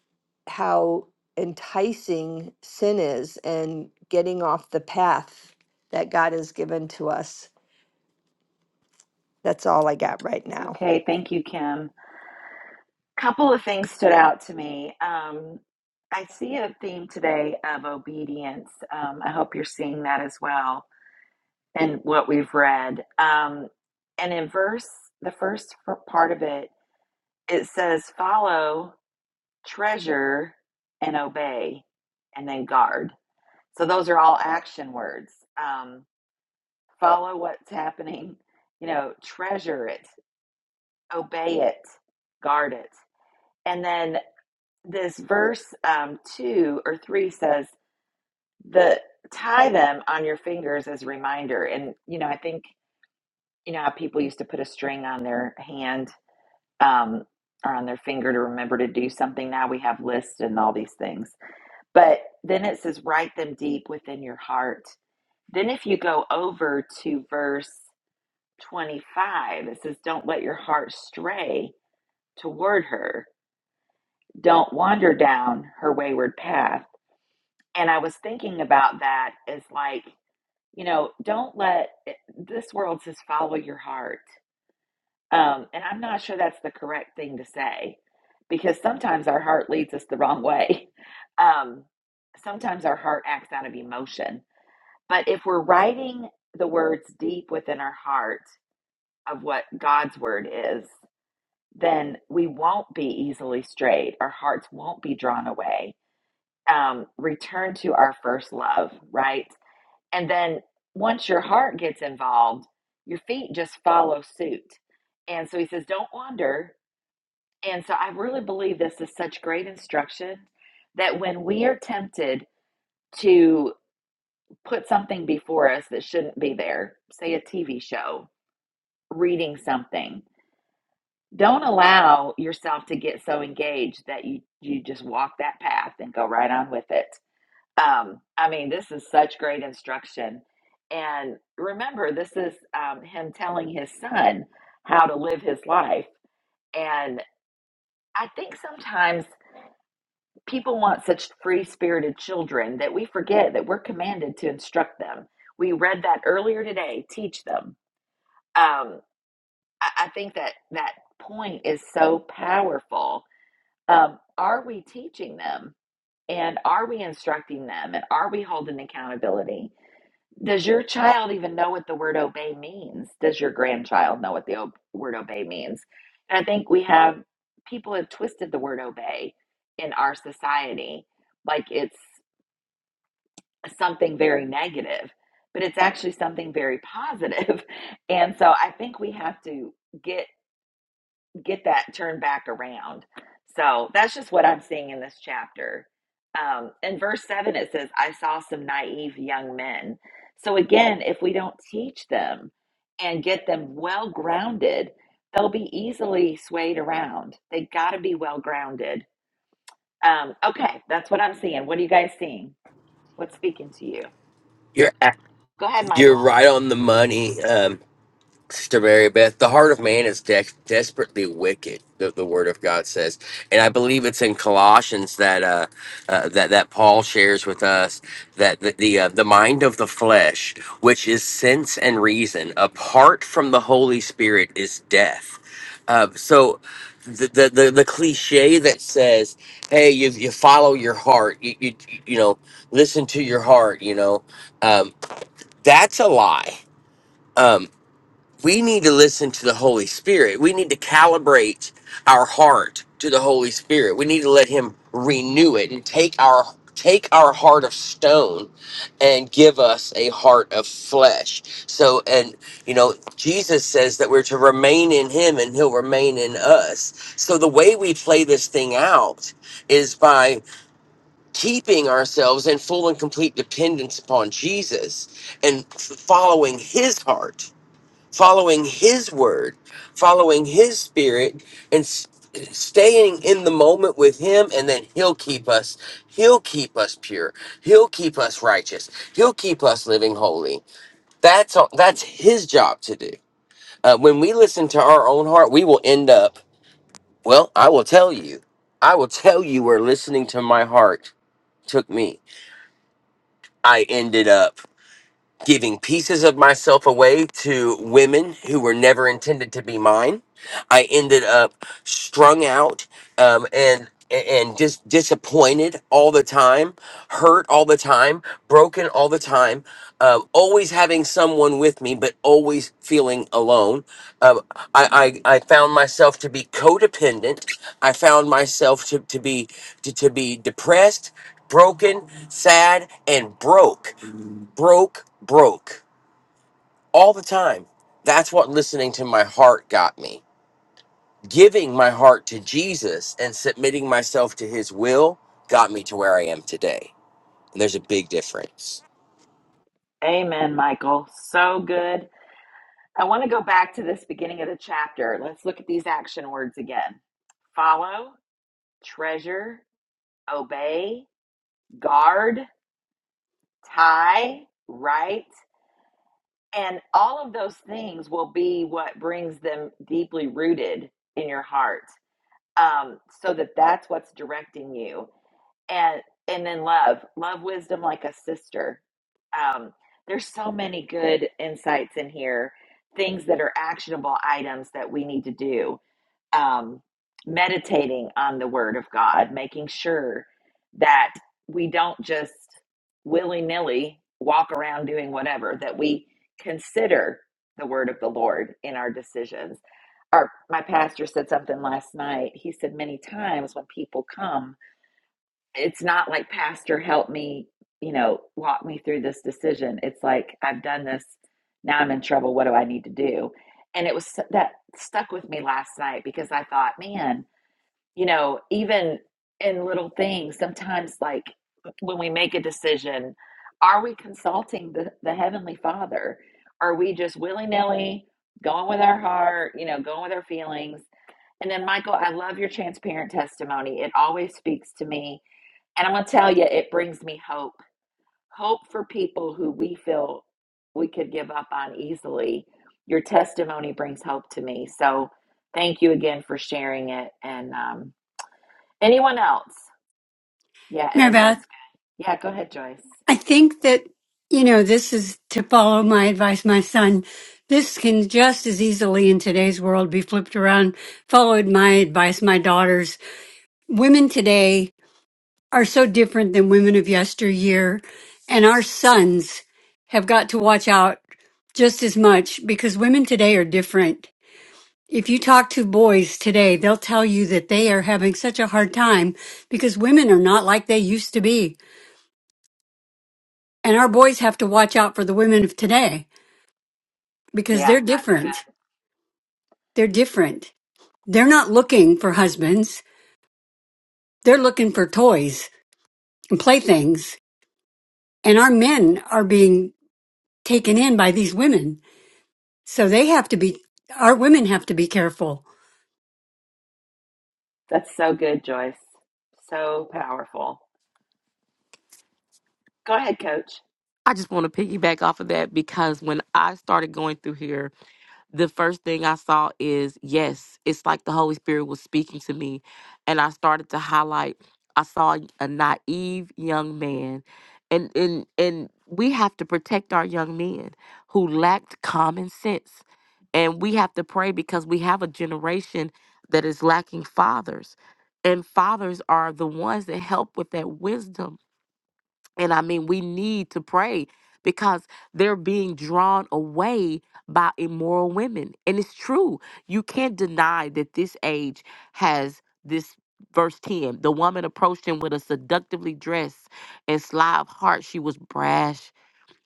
Speaker 5: how enticing sin is and getting off the path that God has given to us. That's all I got right
Speaker 1: It's
Speaker 5: now.
Speaker 1: okay. Thank you, Kim. A couple of things stood out to me. Um, I see a theme today of obedience. Um, I hope you're seeing that as well in what we've read. Um, and in verse, the first part of it, it says, follow, treasure, and obey, and then guard. So those are all action words. Um, follow what's happening, you know, treasure it, obey it, guard it. And then this verse um, two or three says, the tie them on your fingers as a reminder. And, you know, I think, you know, how people used to put a string on their hand um, or on their finger to remember to do something. Now we have lists and all these things. But then it says, write them deep within your heart. Then if you go over to verse 25, it says, Don't let your heart stray toward her. Don't wander down her wayward path. And I was thinking about that as like, you know, don't let eh, this world says follow your heart. Um, and I'm not sure that's the correct thing to say because sometimes our heart leads us the wrong way. Um, sometimes our heart acts out of emotion. But if we're writing the words deep within our heart of what God's word is, then we won't be easily strayed. Our hearts won't be drawn away. Um, return to our first love, right? And then once your heart gets involved, your feet just follow suit. And so he says, don't wander. And so I really believe this is such great instruction that when we are tempted to put something before us that shouldn't be there, say a TV show, reading something, Don't allow yourself to get so engaged that you you just walk that path and go right on with it. Um, I mean, this is such great instruction. And remember, this is um, him telling his son how to live his life. And I think sometimes people want such free spirited children that we forget that we're commanded to instruct them. We read that earlier today teach them. Um, I, I think that that point is so powerful um, are we teaching them and are we instructing them and are we holding accountability does your child even know what the word obey means does your grandchild know what the ob- word obey means and i think we have people have twisted the word obey in our society like it's something very negative but it's actually something very positive positive. and so i think we have to get get that turned back around. So that's just what I'm seeing in this chapter. Um, in verse 7, it says, I saw some naive young men. So again, if we don't teach them and get them well grounded, they'll be easily swayed around. They got to be well grounded. Um, okay, that's what I'm seeing. What are you guys seeing? What's speaking to you?
Speaker 3: You're a-
Speaker 1: Go ahead,
Speaker 3: you're
Speaker 1: Michael.
Speaker 3: right on the money. Um, Sister Mary Beth, the heart of man is de- desperately wicked. The, the Word of God says, and I believe it's in Colossians that uh, uh, that that Paul shares with us that the the, uh, the mind of the flesh, which is sense and reason, apart from the Holy Spirit, is death. Uh, so, the, the the the cliche that says, "Hey, you you follow your heart, you you, you know, listen to your heart," you know, um, that's a lie. Um, we need to listen to the Holy Spirit. We need to calibrate our heart to the Holy Spirit. We need to let him renew it and take our take our heart of stone and give us a heart of flesh. So and you know, Jesus says that we're to remain in him and he'll remain in us. So the way we play this thing out is by keeping ourselves in full and complete dependence upon Jesus and f- following his heart following his word, following his spirit, and s- staying in the moment with him, and then he'll keep us. He'll keep us pure. He'll keep us righteous. He'll keep us living holy. That's all, that's his job to do. Uh, when we listen to our own heart, we will end up. Well, I will tell you. I will tell you where listening to my heart took me. I ended up. giving pieces of myself away to women who were never intended to be mine. I ended up strung out um, and and just disappointed all the time, hurt all the time, broken all the time, um, always having someone with me, but always feeling alone. Um, I, I I found myself to be codependent. I found myself to to be to, to be depressed, broken, sad, and broke broke, broke all the time. That's what listening to my heart got me. Giving my heart to Jesus and submitting myself to his will got me to where I am today. And there's a big difference.
Speaker 1: Amen, Michael. So good. I want to go back to this beginning of the chapter. Let's look at these action words again. follow, treasure, obey, guard, tie, right. And all of those things will be what brings them deeply rooted in your heart. Um, so that that's what's directing you. And and then love, love wisdom like a sister. Um, there's so many good insights in here, things that are actionable items that we need to do um, meditating on the Word of God, making sure that we don't just willy nilly walk around doing whatever, that we consider the Word of the Lord in our decisions. Our, my pastor said something last night. He said, Many times when people come, it's not like pastor help me you know walk me through this decision it's like i've done this now i'm in trouble what do i need to do and it was that stuck with me last night because i thought man you know even in little things sometimes like when we make a decision are we consulting the, the heavenly father are we just willy-nilly going with our heart you know going with our feelings and then michael i love your transparent testimony it always speaks to me and I'm going to tell you, it brings me hope. Hope for people who we feel we could give up on easily. Your testimony brings hope to me. So thank you again for sharing it. And um, anyone else? Yeah,
Speaker 6: Mary
Speaker 1: Ez,
Speaker 6: Beth,
Speaker 1: that's good. Yeah, go ahead, Joyce.
Speaker 6: I think that, you know, this is to follow my advice, my son. This can just as easily in today's world be flipped around, followed my advice, my daughters. Women today are so different than women of yesteryear, and our sons have got to watch out just as much because women today are different. If you talk to boys today, they'll tell you that they are having such a hard time because women are not like they used to be. And our boys have to watch out for the women of today because
Speaker 1: Yeah,
Speaker 6: they're
Speaker 1: that's
Speaker 6: different. They're different. They're not looking for husbands. They're looking for toys and playthings. And our men are being taken in by these women. So they have to be, our women have to be careful
Speaker 1: good. That's so good, Joyce. So powerful. Go ahead, coach.
Speaker 4: I just want to piggyback off of that because when I started going through here the first thing I saw is yes, it's like the Holy Spirit was speaking to me. And I started to highlight, I saw a naive young man. And and and we have to protect our young men who lacked common sense. And we have to pray because we have a generation that is lacking fathers. And fathers are the ones that help with that wisdom and I mean, we need to pray because they're being drawn away by immoral women. And it's true. You can't deny that this age has this. Verse 10 The woman approached him with a seductively dressed and sly of heart. She was brash,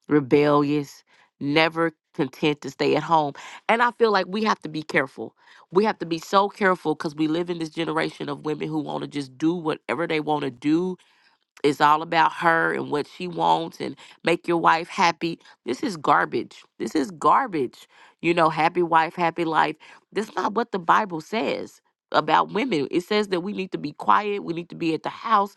Speaker 4: rebellious, never content to stay at home. And I feel like we have to be careful. We have to be so careful because we live in this generation of women who want to just do whatever they want to do it's all about her and what she wants and make your wife happy. This is garbage. This is garbage. You know, happy wife, happy life. That's not what the Bible says about women. It says that we need to be quiet, we need to be at the house,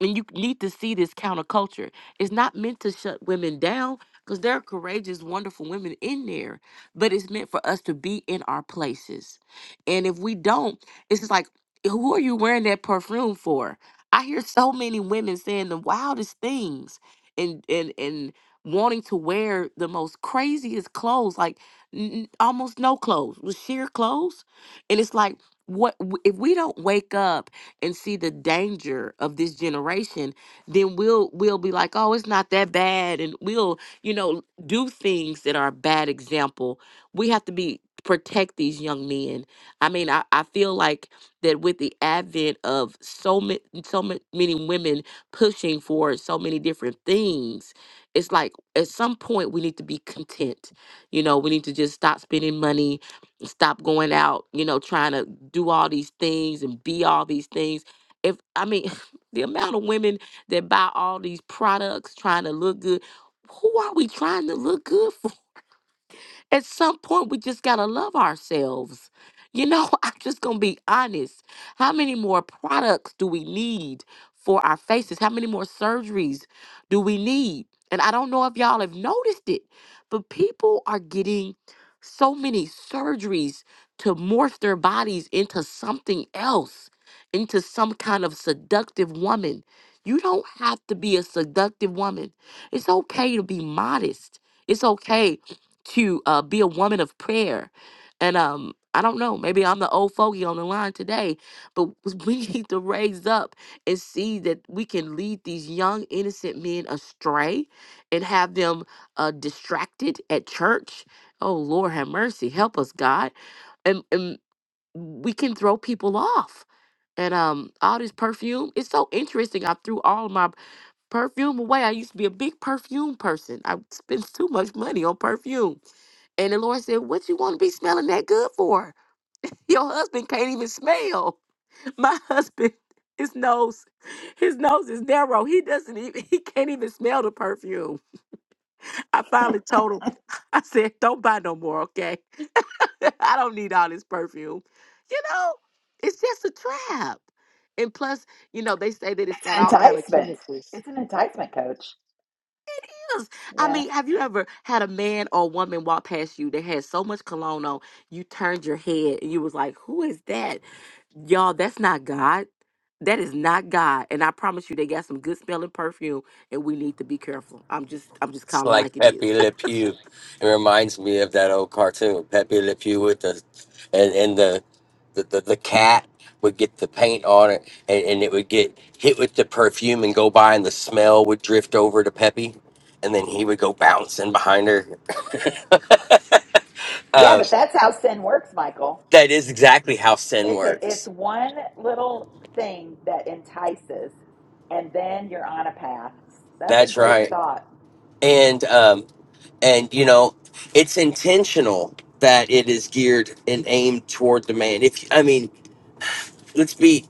Speaker 4: and you need to see this counterculture. It's not meant to shut women down because there are courageous, wonderful women in there, but it's meant for us to be in our places. And if we don't, it's just like, who are you wearing that perfume for? I hear so many women saying the wildest things and and and wanting to wear the most craziest clothes, like n- n- almost no clothes, with sheer clothes. And it's like what w- if we don't wake up and see the danger of this generation, then we'll we'll be like, "Oh, it's not that bad." And we'll, you know, do things that are a bad example. We have to be protect these young men. I mean, I, I feel like that with the advent of so many so ma- many women pushing for so many different things it's like at some point we need to be content you know we need to just stop spending money stop going out you know trying to do all these things and be all these things if i mean the amount of women that buy all these products trying to look good who are we trying to look good at some point we just gotta love ourselves. You know, I'm just gonna be honest. How many more products do we need for our faces? How many more surgeries do we need? And I don't know if y'all have noticed it, but people are getting so many surgeries to morph their bodies into something else, into some kind of seductive woman. You don't have to be a seductive woman. It's okay to be modest. It's okay to uh, be a woman of prayer. And um, I don't know, maybe I'm the old fogey on the line today, but we need to raise up and see that we can lead these young, innocent men astray and have them uh, distracted at church. Oh, Lord, have mercy. Help us, God. And, and we can throw people off. And um, all this perfume, it's so interesting. I threw all my perfume away. I used to be a big perfume person. I spent too much money on perfume and the Lord said, What you want to be smelling that good for? Your husband can't even smell. My husband, his nose, his nose is narrow. He doesn't even he can't even smell the perfume. I finally told him, I said, Don't buy no more, okay? I don't need all this perfume. You know, it's just a trap. And plus, you know, they say that it's
Speaker 1: It's
Speaker 4: got
Speaker 1: an
Speaker 4: all kind of
Speaker 1: enticement.
Speaker 4: chemicals.
Speaker 1: It's an enticement, coach.
Speaker 4: is. I
Speaker 1: Yeah.
Speaker 4: mean, have you ever had a man or woman walk past you that had so much cologne on, you turned your head and you was like, who is that? Y'all, that's not God. That is not God. And I promise you, they got some good smelling perfume and we need to be careful. I'm just, I'm just
Speaker 3: It's
Speaker 4: calling like
Speaker 3: like
Speaker 4: it is.
Speaker 3: Pepe Le Pew. It reminds me of that old cartoon, Pepe Le Pew with the and, and the, the, the the cat would get the paint on it and, and it would get hit with the perfume and go by and the smell would drift over to Pepe and then he would go bouncing behind her.
Speaker 1: Yeah,
Speaker 3: um,
Speaker 1: but that's how sin works, Michael.
Speaker 3: that is exactly how sin
Speaker 1: It's a it's
Speaker 3: works.
Speaker 1: one little thing that entices, and then you're on a path. That's a
Speaker 3: That's
Speaker 1: great
Speaker 3: right.
Speaker 1: thought.
Speaker 3: And um, and you know, it's intentional that it is geared and aimed toward the man. If I mean, let's be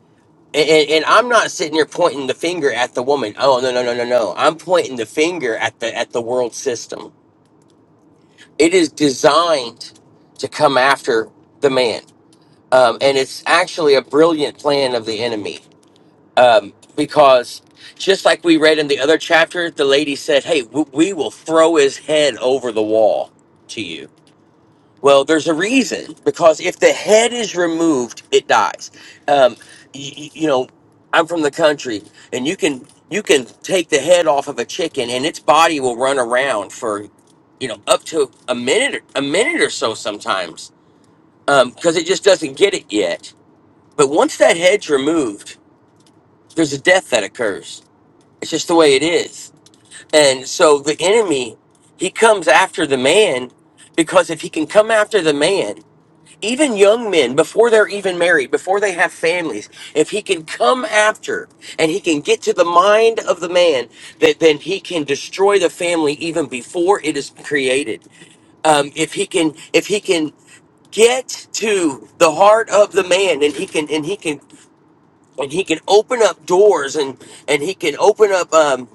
Speaker 3: And, and, and I'm not sitting here pointing the finger at the woman. Oh no no no no no! I'm pointing the finger at the at the world system. It is designed to come after the man, um, and it's actually a brilliant plan of the enemy um, because just like we read in the other chapter, the lady said, "Hey, w- we will throw his head over the wall to you." Well, there's a reason because if the head is removed, it dies. Um, you, you know, I'm from the country, and you can you can take the head off of a chicken, and its body will run around for you know up to a minute a minute or so sometimes because it just doesn't get it yet. But once that head's removed, there's a death that occurs. It's just the way it is, and so the enemy he comes after the man because if he can come after the man even young men before they're even married before they have families if he can come after and he can get to the mind of the man that then he can destroy the family even before it is created um, if he can if he can get to the heart of the man and he can and he can and he can open up doors and and he can open up um,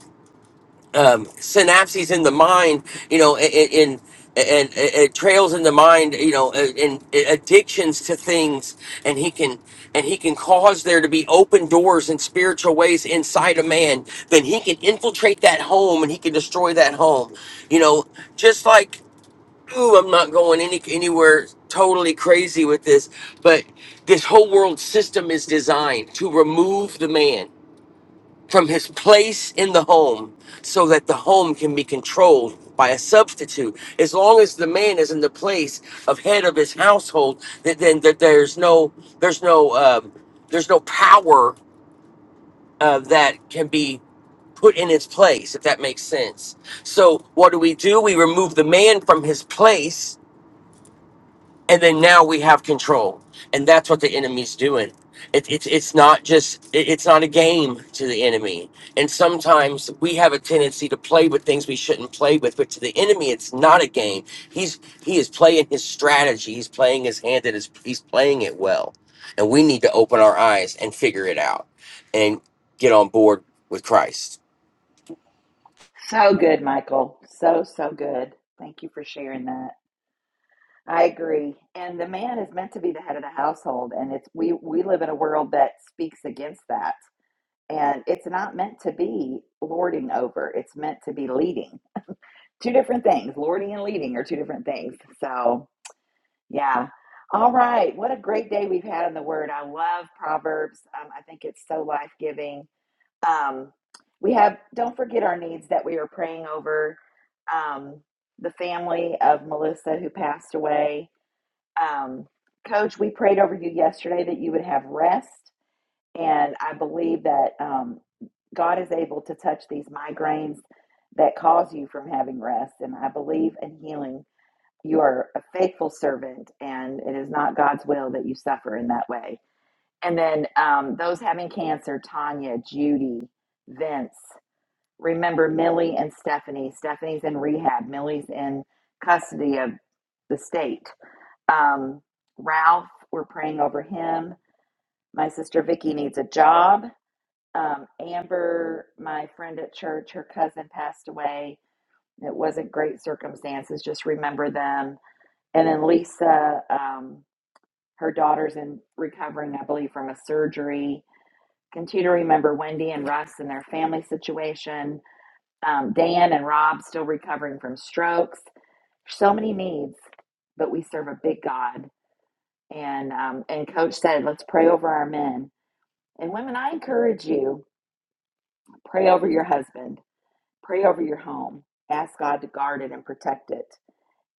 Speaker 3: um, synapses in the mind, you know, in and, and it trails in the mind, you know, and and addictions to things, and he can and he can cause there to be open doors in spiritual ways inside a man. Then he can infiltrate that home, and he can destroy that home, you know, just like. Ooh, I'm not going any anywhere totally crazy with this, but this whole world system is designed to remove the man from his place in the home so that the home can be controlled by a substitute. As long as the man is in the place of head of his household, th- then th- there's no there's no um, there's no power uh, that can be put in its place if that makes sense. So what do we do? We remove the man from his place and then now we have control and that's what the enemy's doing it, it's it's not just it- it's not a game to the enemy and sometimes we have a tendency to play with things we shouldn't play with but to the enemy it's not a game he's he is playing his strategy he's playing his hand and his, he's playing it well and we need to open our eyes and figure it out and get on board with christ
Speaker 1: So good, Michael. So so good. Thank you for sharing that. I agree. And the man is meant to be the head of the household, and it's we we live in a world that speaks against that. And it's not meant to be lording over. It's meant to be leading. Two different things. Lording and leading are two different things. So Yeah. All right. What a great day we've had in the Word. I love Proverbs. Um, I think it's so life giving. Um, we have, don't forget our needs that we are praying over um, the family of Melissa who passed away. Um, Coach, we prayed over you yesterday that you would have rest. And I believe that um, God is able to touch these migraines that cause you from having rest. And I believe in healing you are a faithful servant and it is not god's will that you suffer in that way and then um, those having cancer tanya judy vince remember millie and stephanie stephanie's in rehab millie's in custody of the state um, ralph we're praying over him my sister vicky needs a job um, amber my friend at church her cousin passed away it wasn't great circumstances just remember them and then Lisa, um, her daughter's in recovering, I believe, from a surgery. Continue to remember Wendy and Russ and their family situation. Um, Dan and Rob still recovering from strokes. So many needs, but we serve a big God. And um, and Coach said, let's pray over our men and women. I encourage you, pray over your husband, pray over your home. Ask God to guard it and protect it,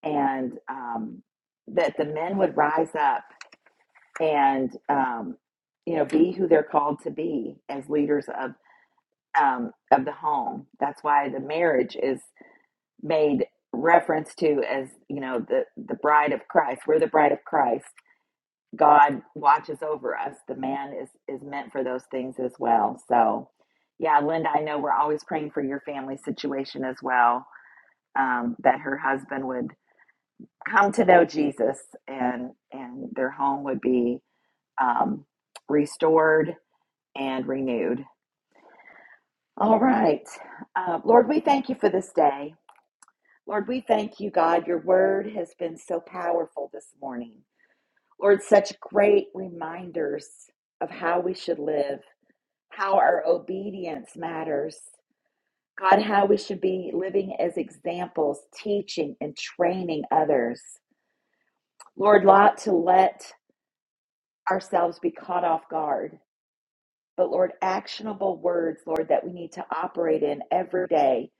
Speaker 1: and um, that the men would rise up and um, you know be who they're called to be as leaders of um, of the home. That's why the marriage is made reference to as you know the the bride of Christ. We're the bride of Christ. God watches over us. The man is is meant for those things as well. So, yeah, Linda, I know we're always praying for your family situation as well. Um, that her husband would come to know Jesus and and their home would be um, restored and renewed. All right. Uh, Lord, we thank you for this day. Lord, we thank you, God. Your word has been so powerful this morning. Lord, such great reminders of how we should live, how our obedience matters. God, how we should be living as examples, teaching and training others. Lord, not to let ourselves be caught off guard. but Lord, actionable words, Lord, that we need to operate in every day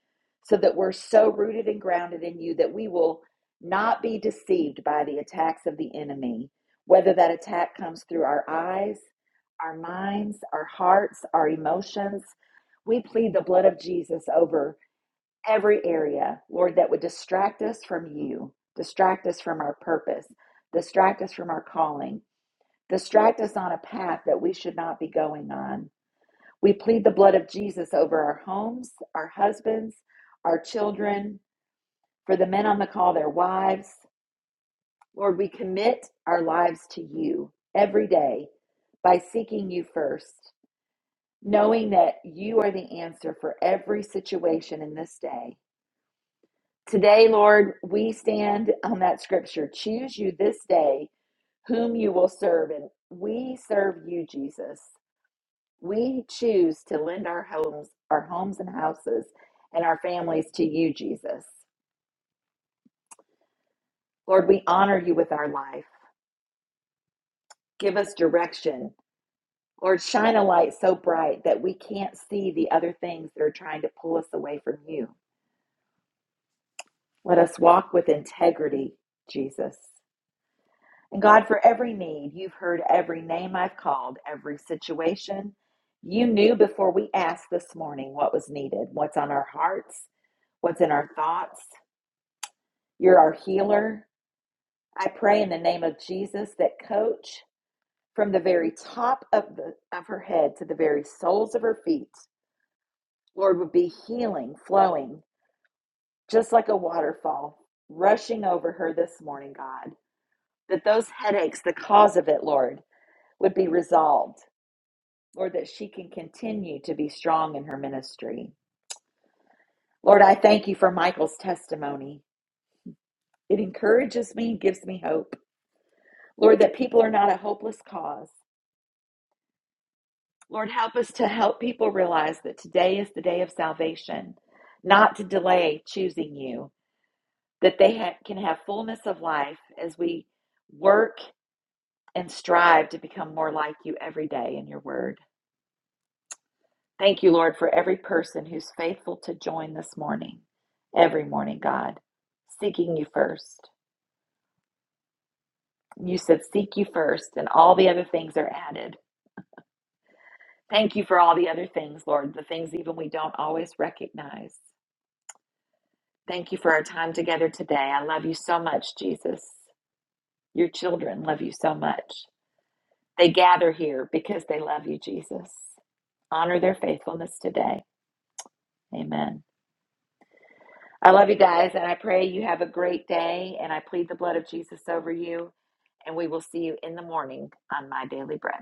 Speaker 1: so that we're so rooted and grounded in you that we will not be deceived by the attacks of the enemy, whether that attack comes through our eyes, our minds, our hearts, our emotions. We plead the blood of Jesus over every area, Lord, that would distract us from you, distract us from our purpose, distract us from our calling, distract us on a path that we should not be going on. We plead the blood of Jesus over our homes, our husbands, our children, for the men on the call, their wives. Lord, we commit our lives to you every day by seeking you first, knowing that you are the answer for every situation in this day. Today, Lord, we stand on that scripture choose you this day whom you will serve, and we serve you, Jesus. We choose to lend our homes, our homes and houses, and our families to you, Jesus. Lord, we honor you with our life. Give us direction. Lord, shine a light so bright that we can't see the other things that are trying to pull us away from you. Let us walk with integrity, Jesus. And God, for every need, you've heard every name I've called, every situation. You knew before we asked this morning what was needed, what's on our hearts, what's in our thoughts. You're our healer. I pray in the name of Jesus that coach from the very top of the of her head to the very soles of her feet, Lord, would be healing, flowing, just like a waterfall rushing over her this morning, God. That those headaches, the cause of it, Lord, would be resolved. Lord, that she can continue to be strong in her ministry. Lord, I thank you for Michael's testimony. It encourages me, gives me hope. Lord, that people are not a hopeless cause Lord, help us to help people realize that today is the day of salvation, not to delay choosing you, that they ha- can have fullness of life as we work and strive to become more like you every day in your word. Thank you, Lord, for every person who's faithful to join this morning, every morning, God, seeking you first. You said, Seek you first, and all the other things are added. Thank you for all the other things, Lord, the things even we don't always recognize. Thank you for our time together today. I love you so much, Jesus. Your children love you so much. They gather here because they love you, Jesus. Honor their faithfulness today. Amen. I love you guys, and I pray you have a great day, and I plead the blood of Jesus over you, and we will see you in the morning on My Daily Bread.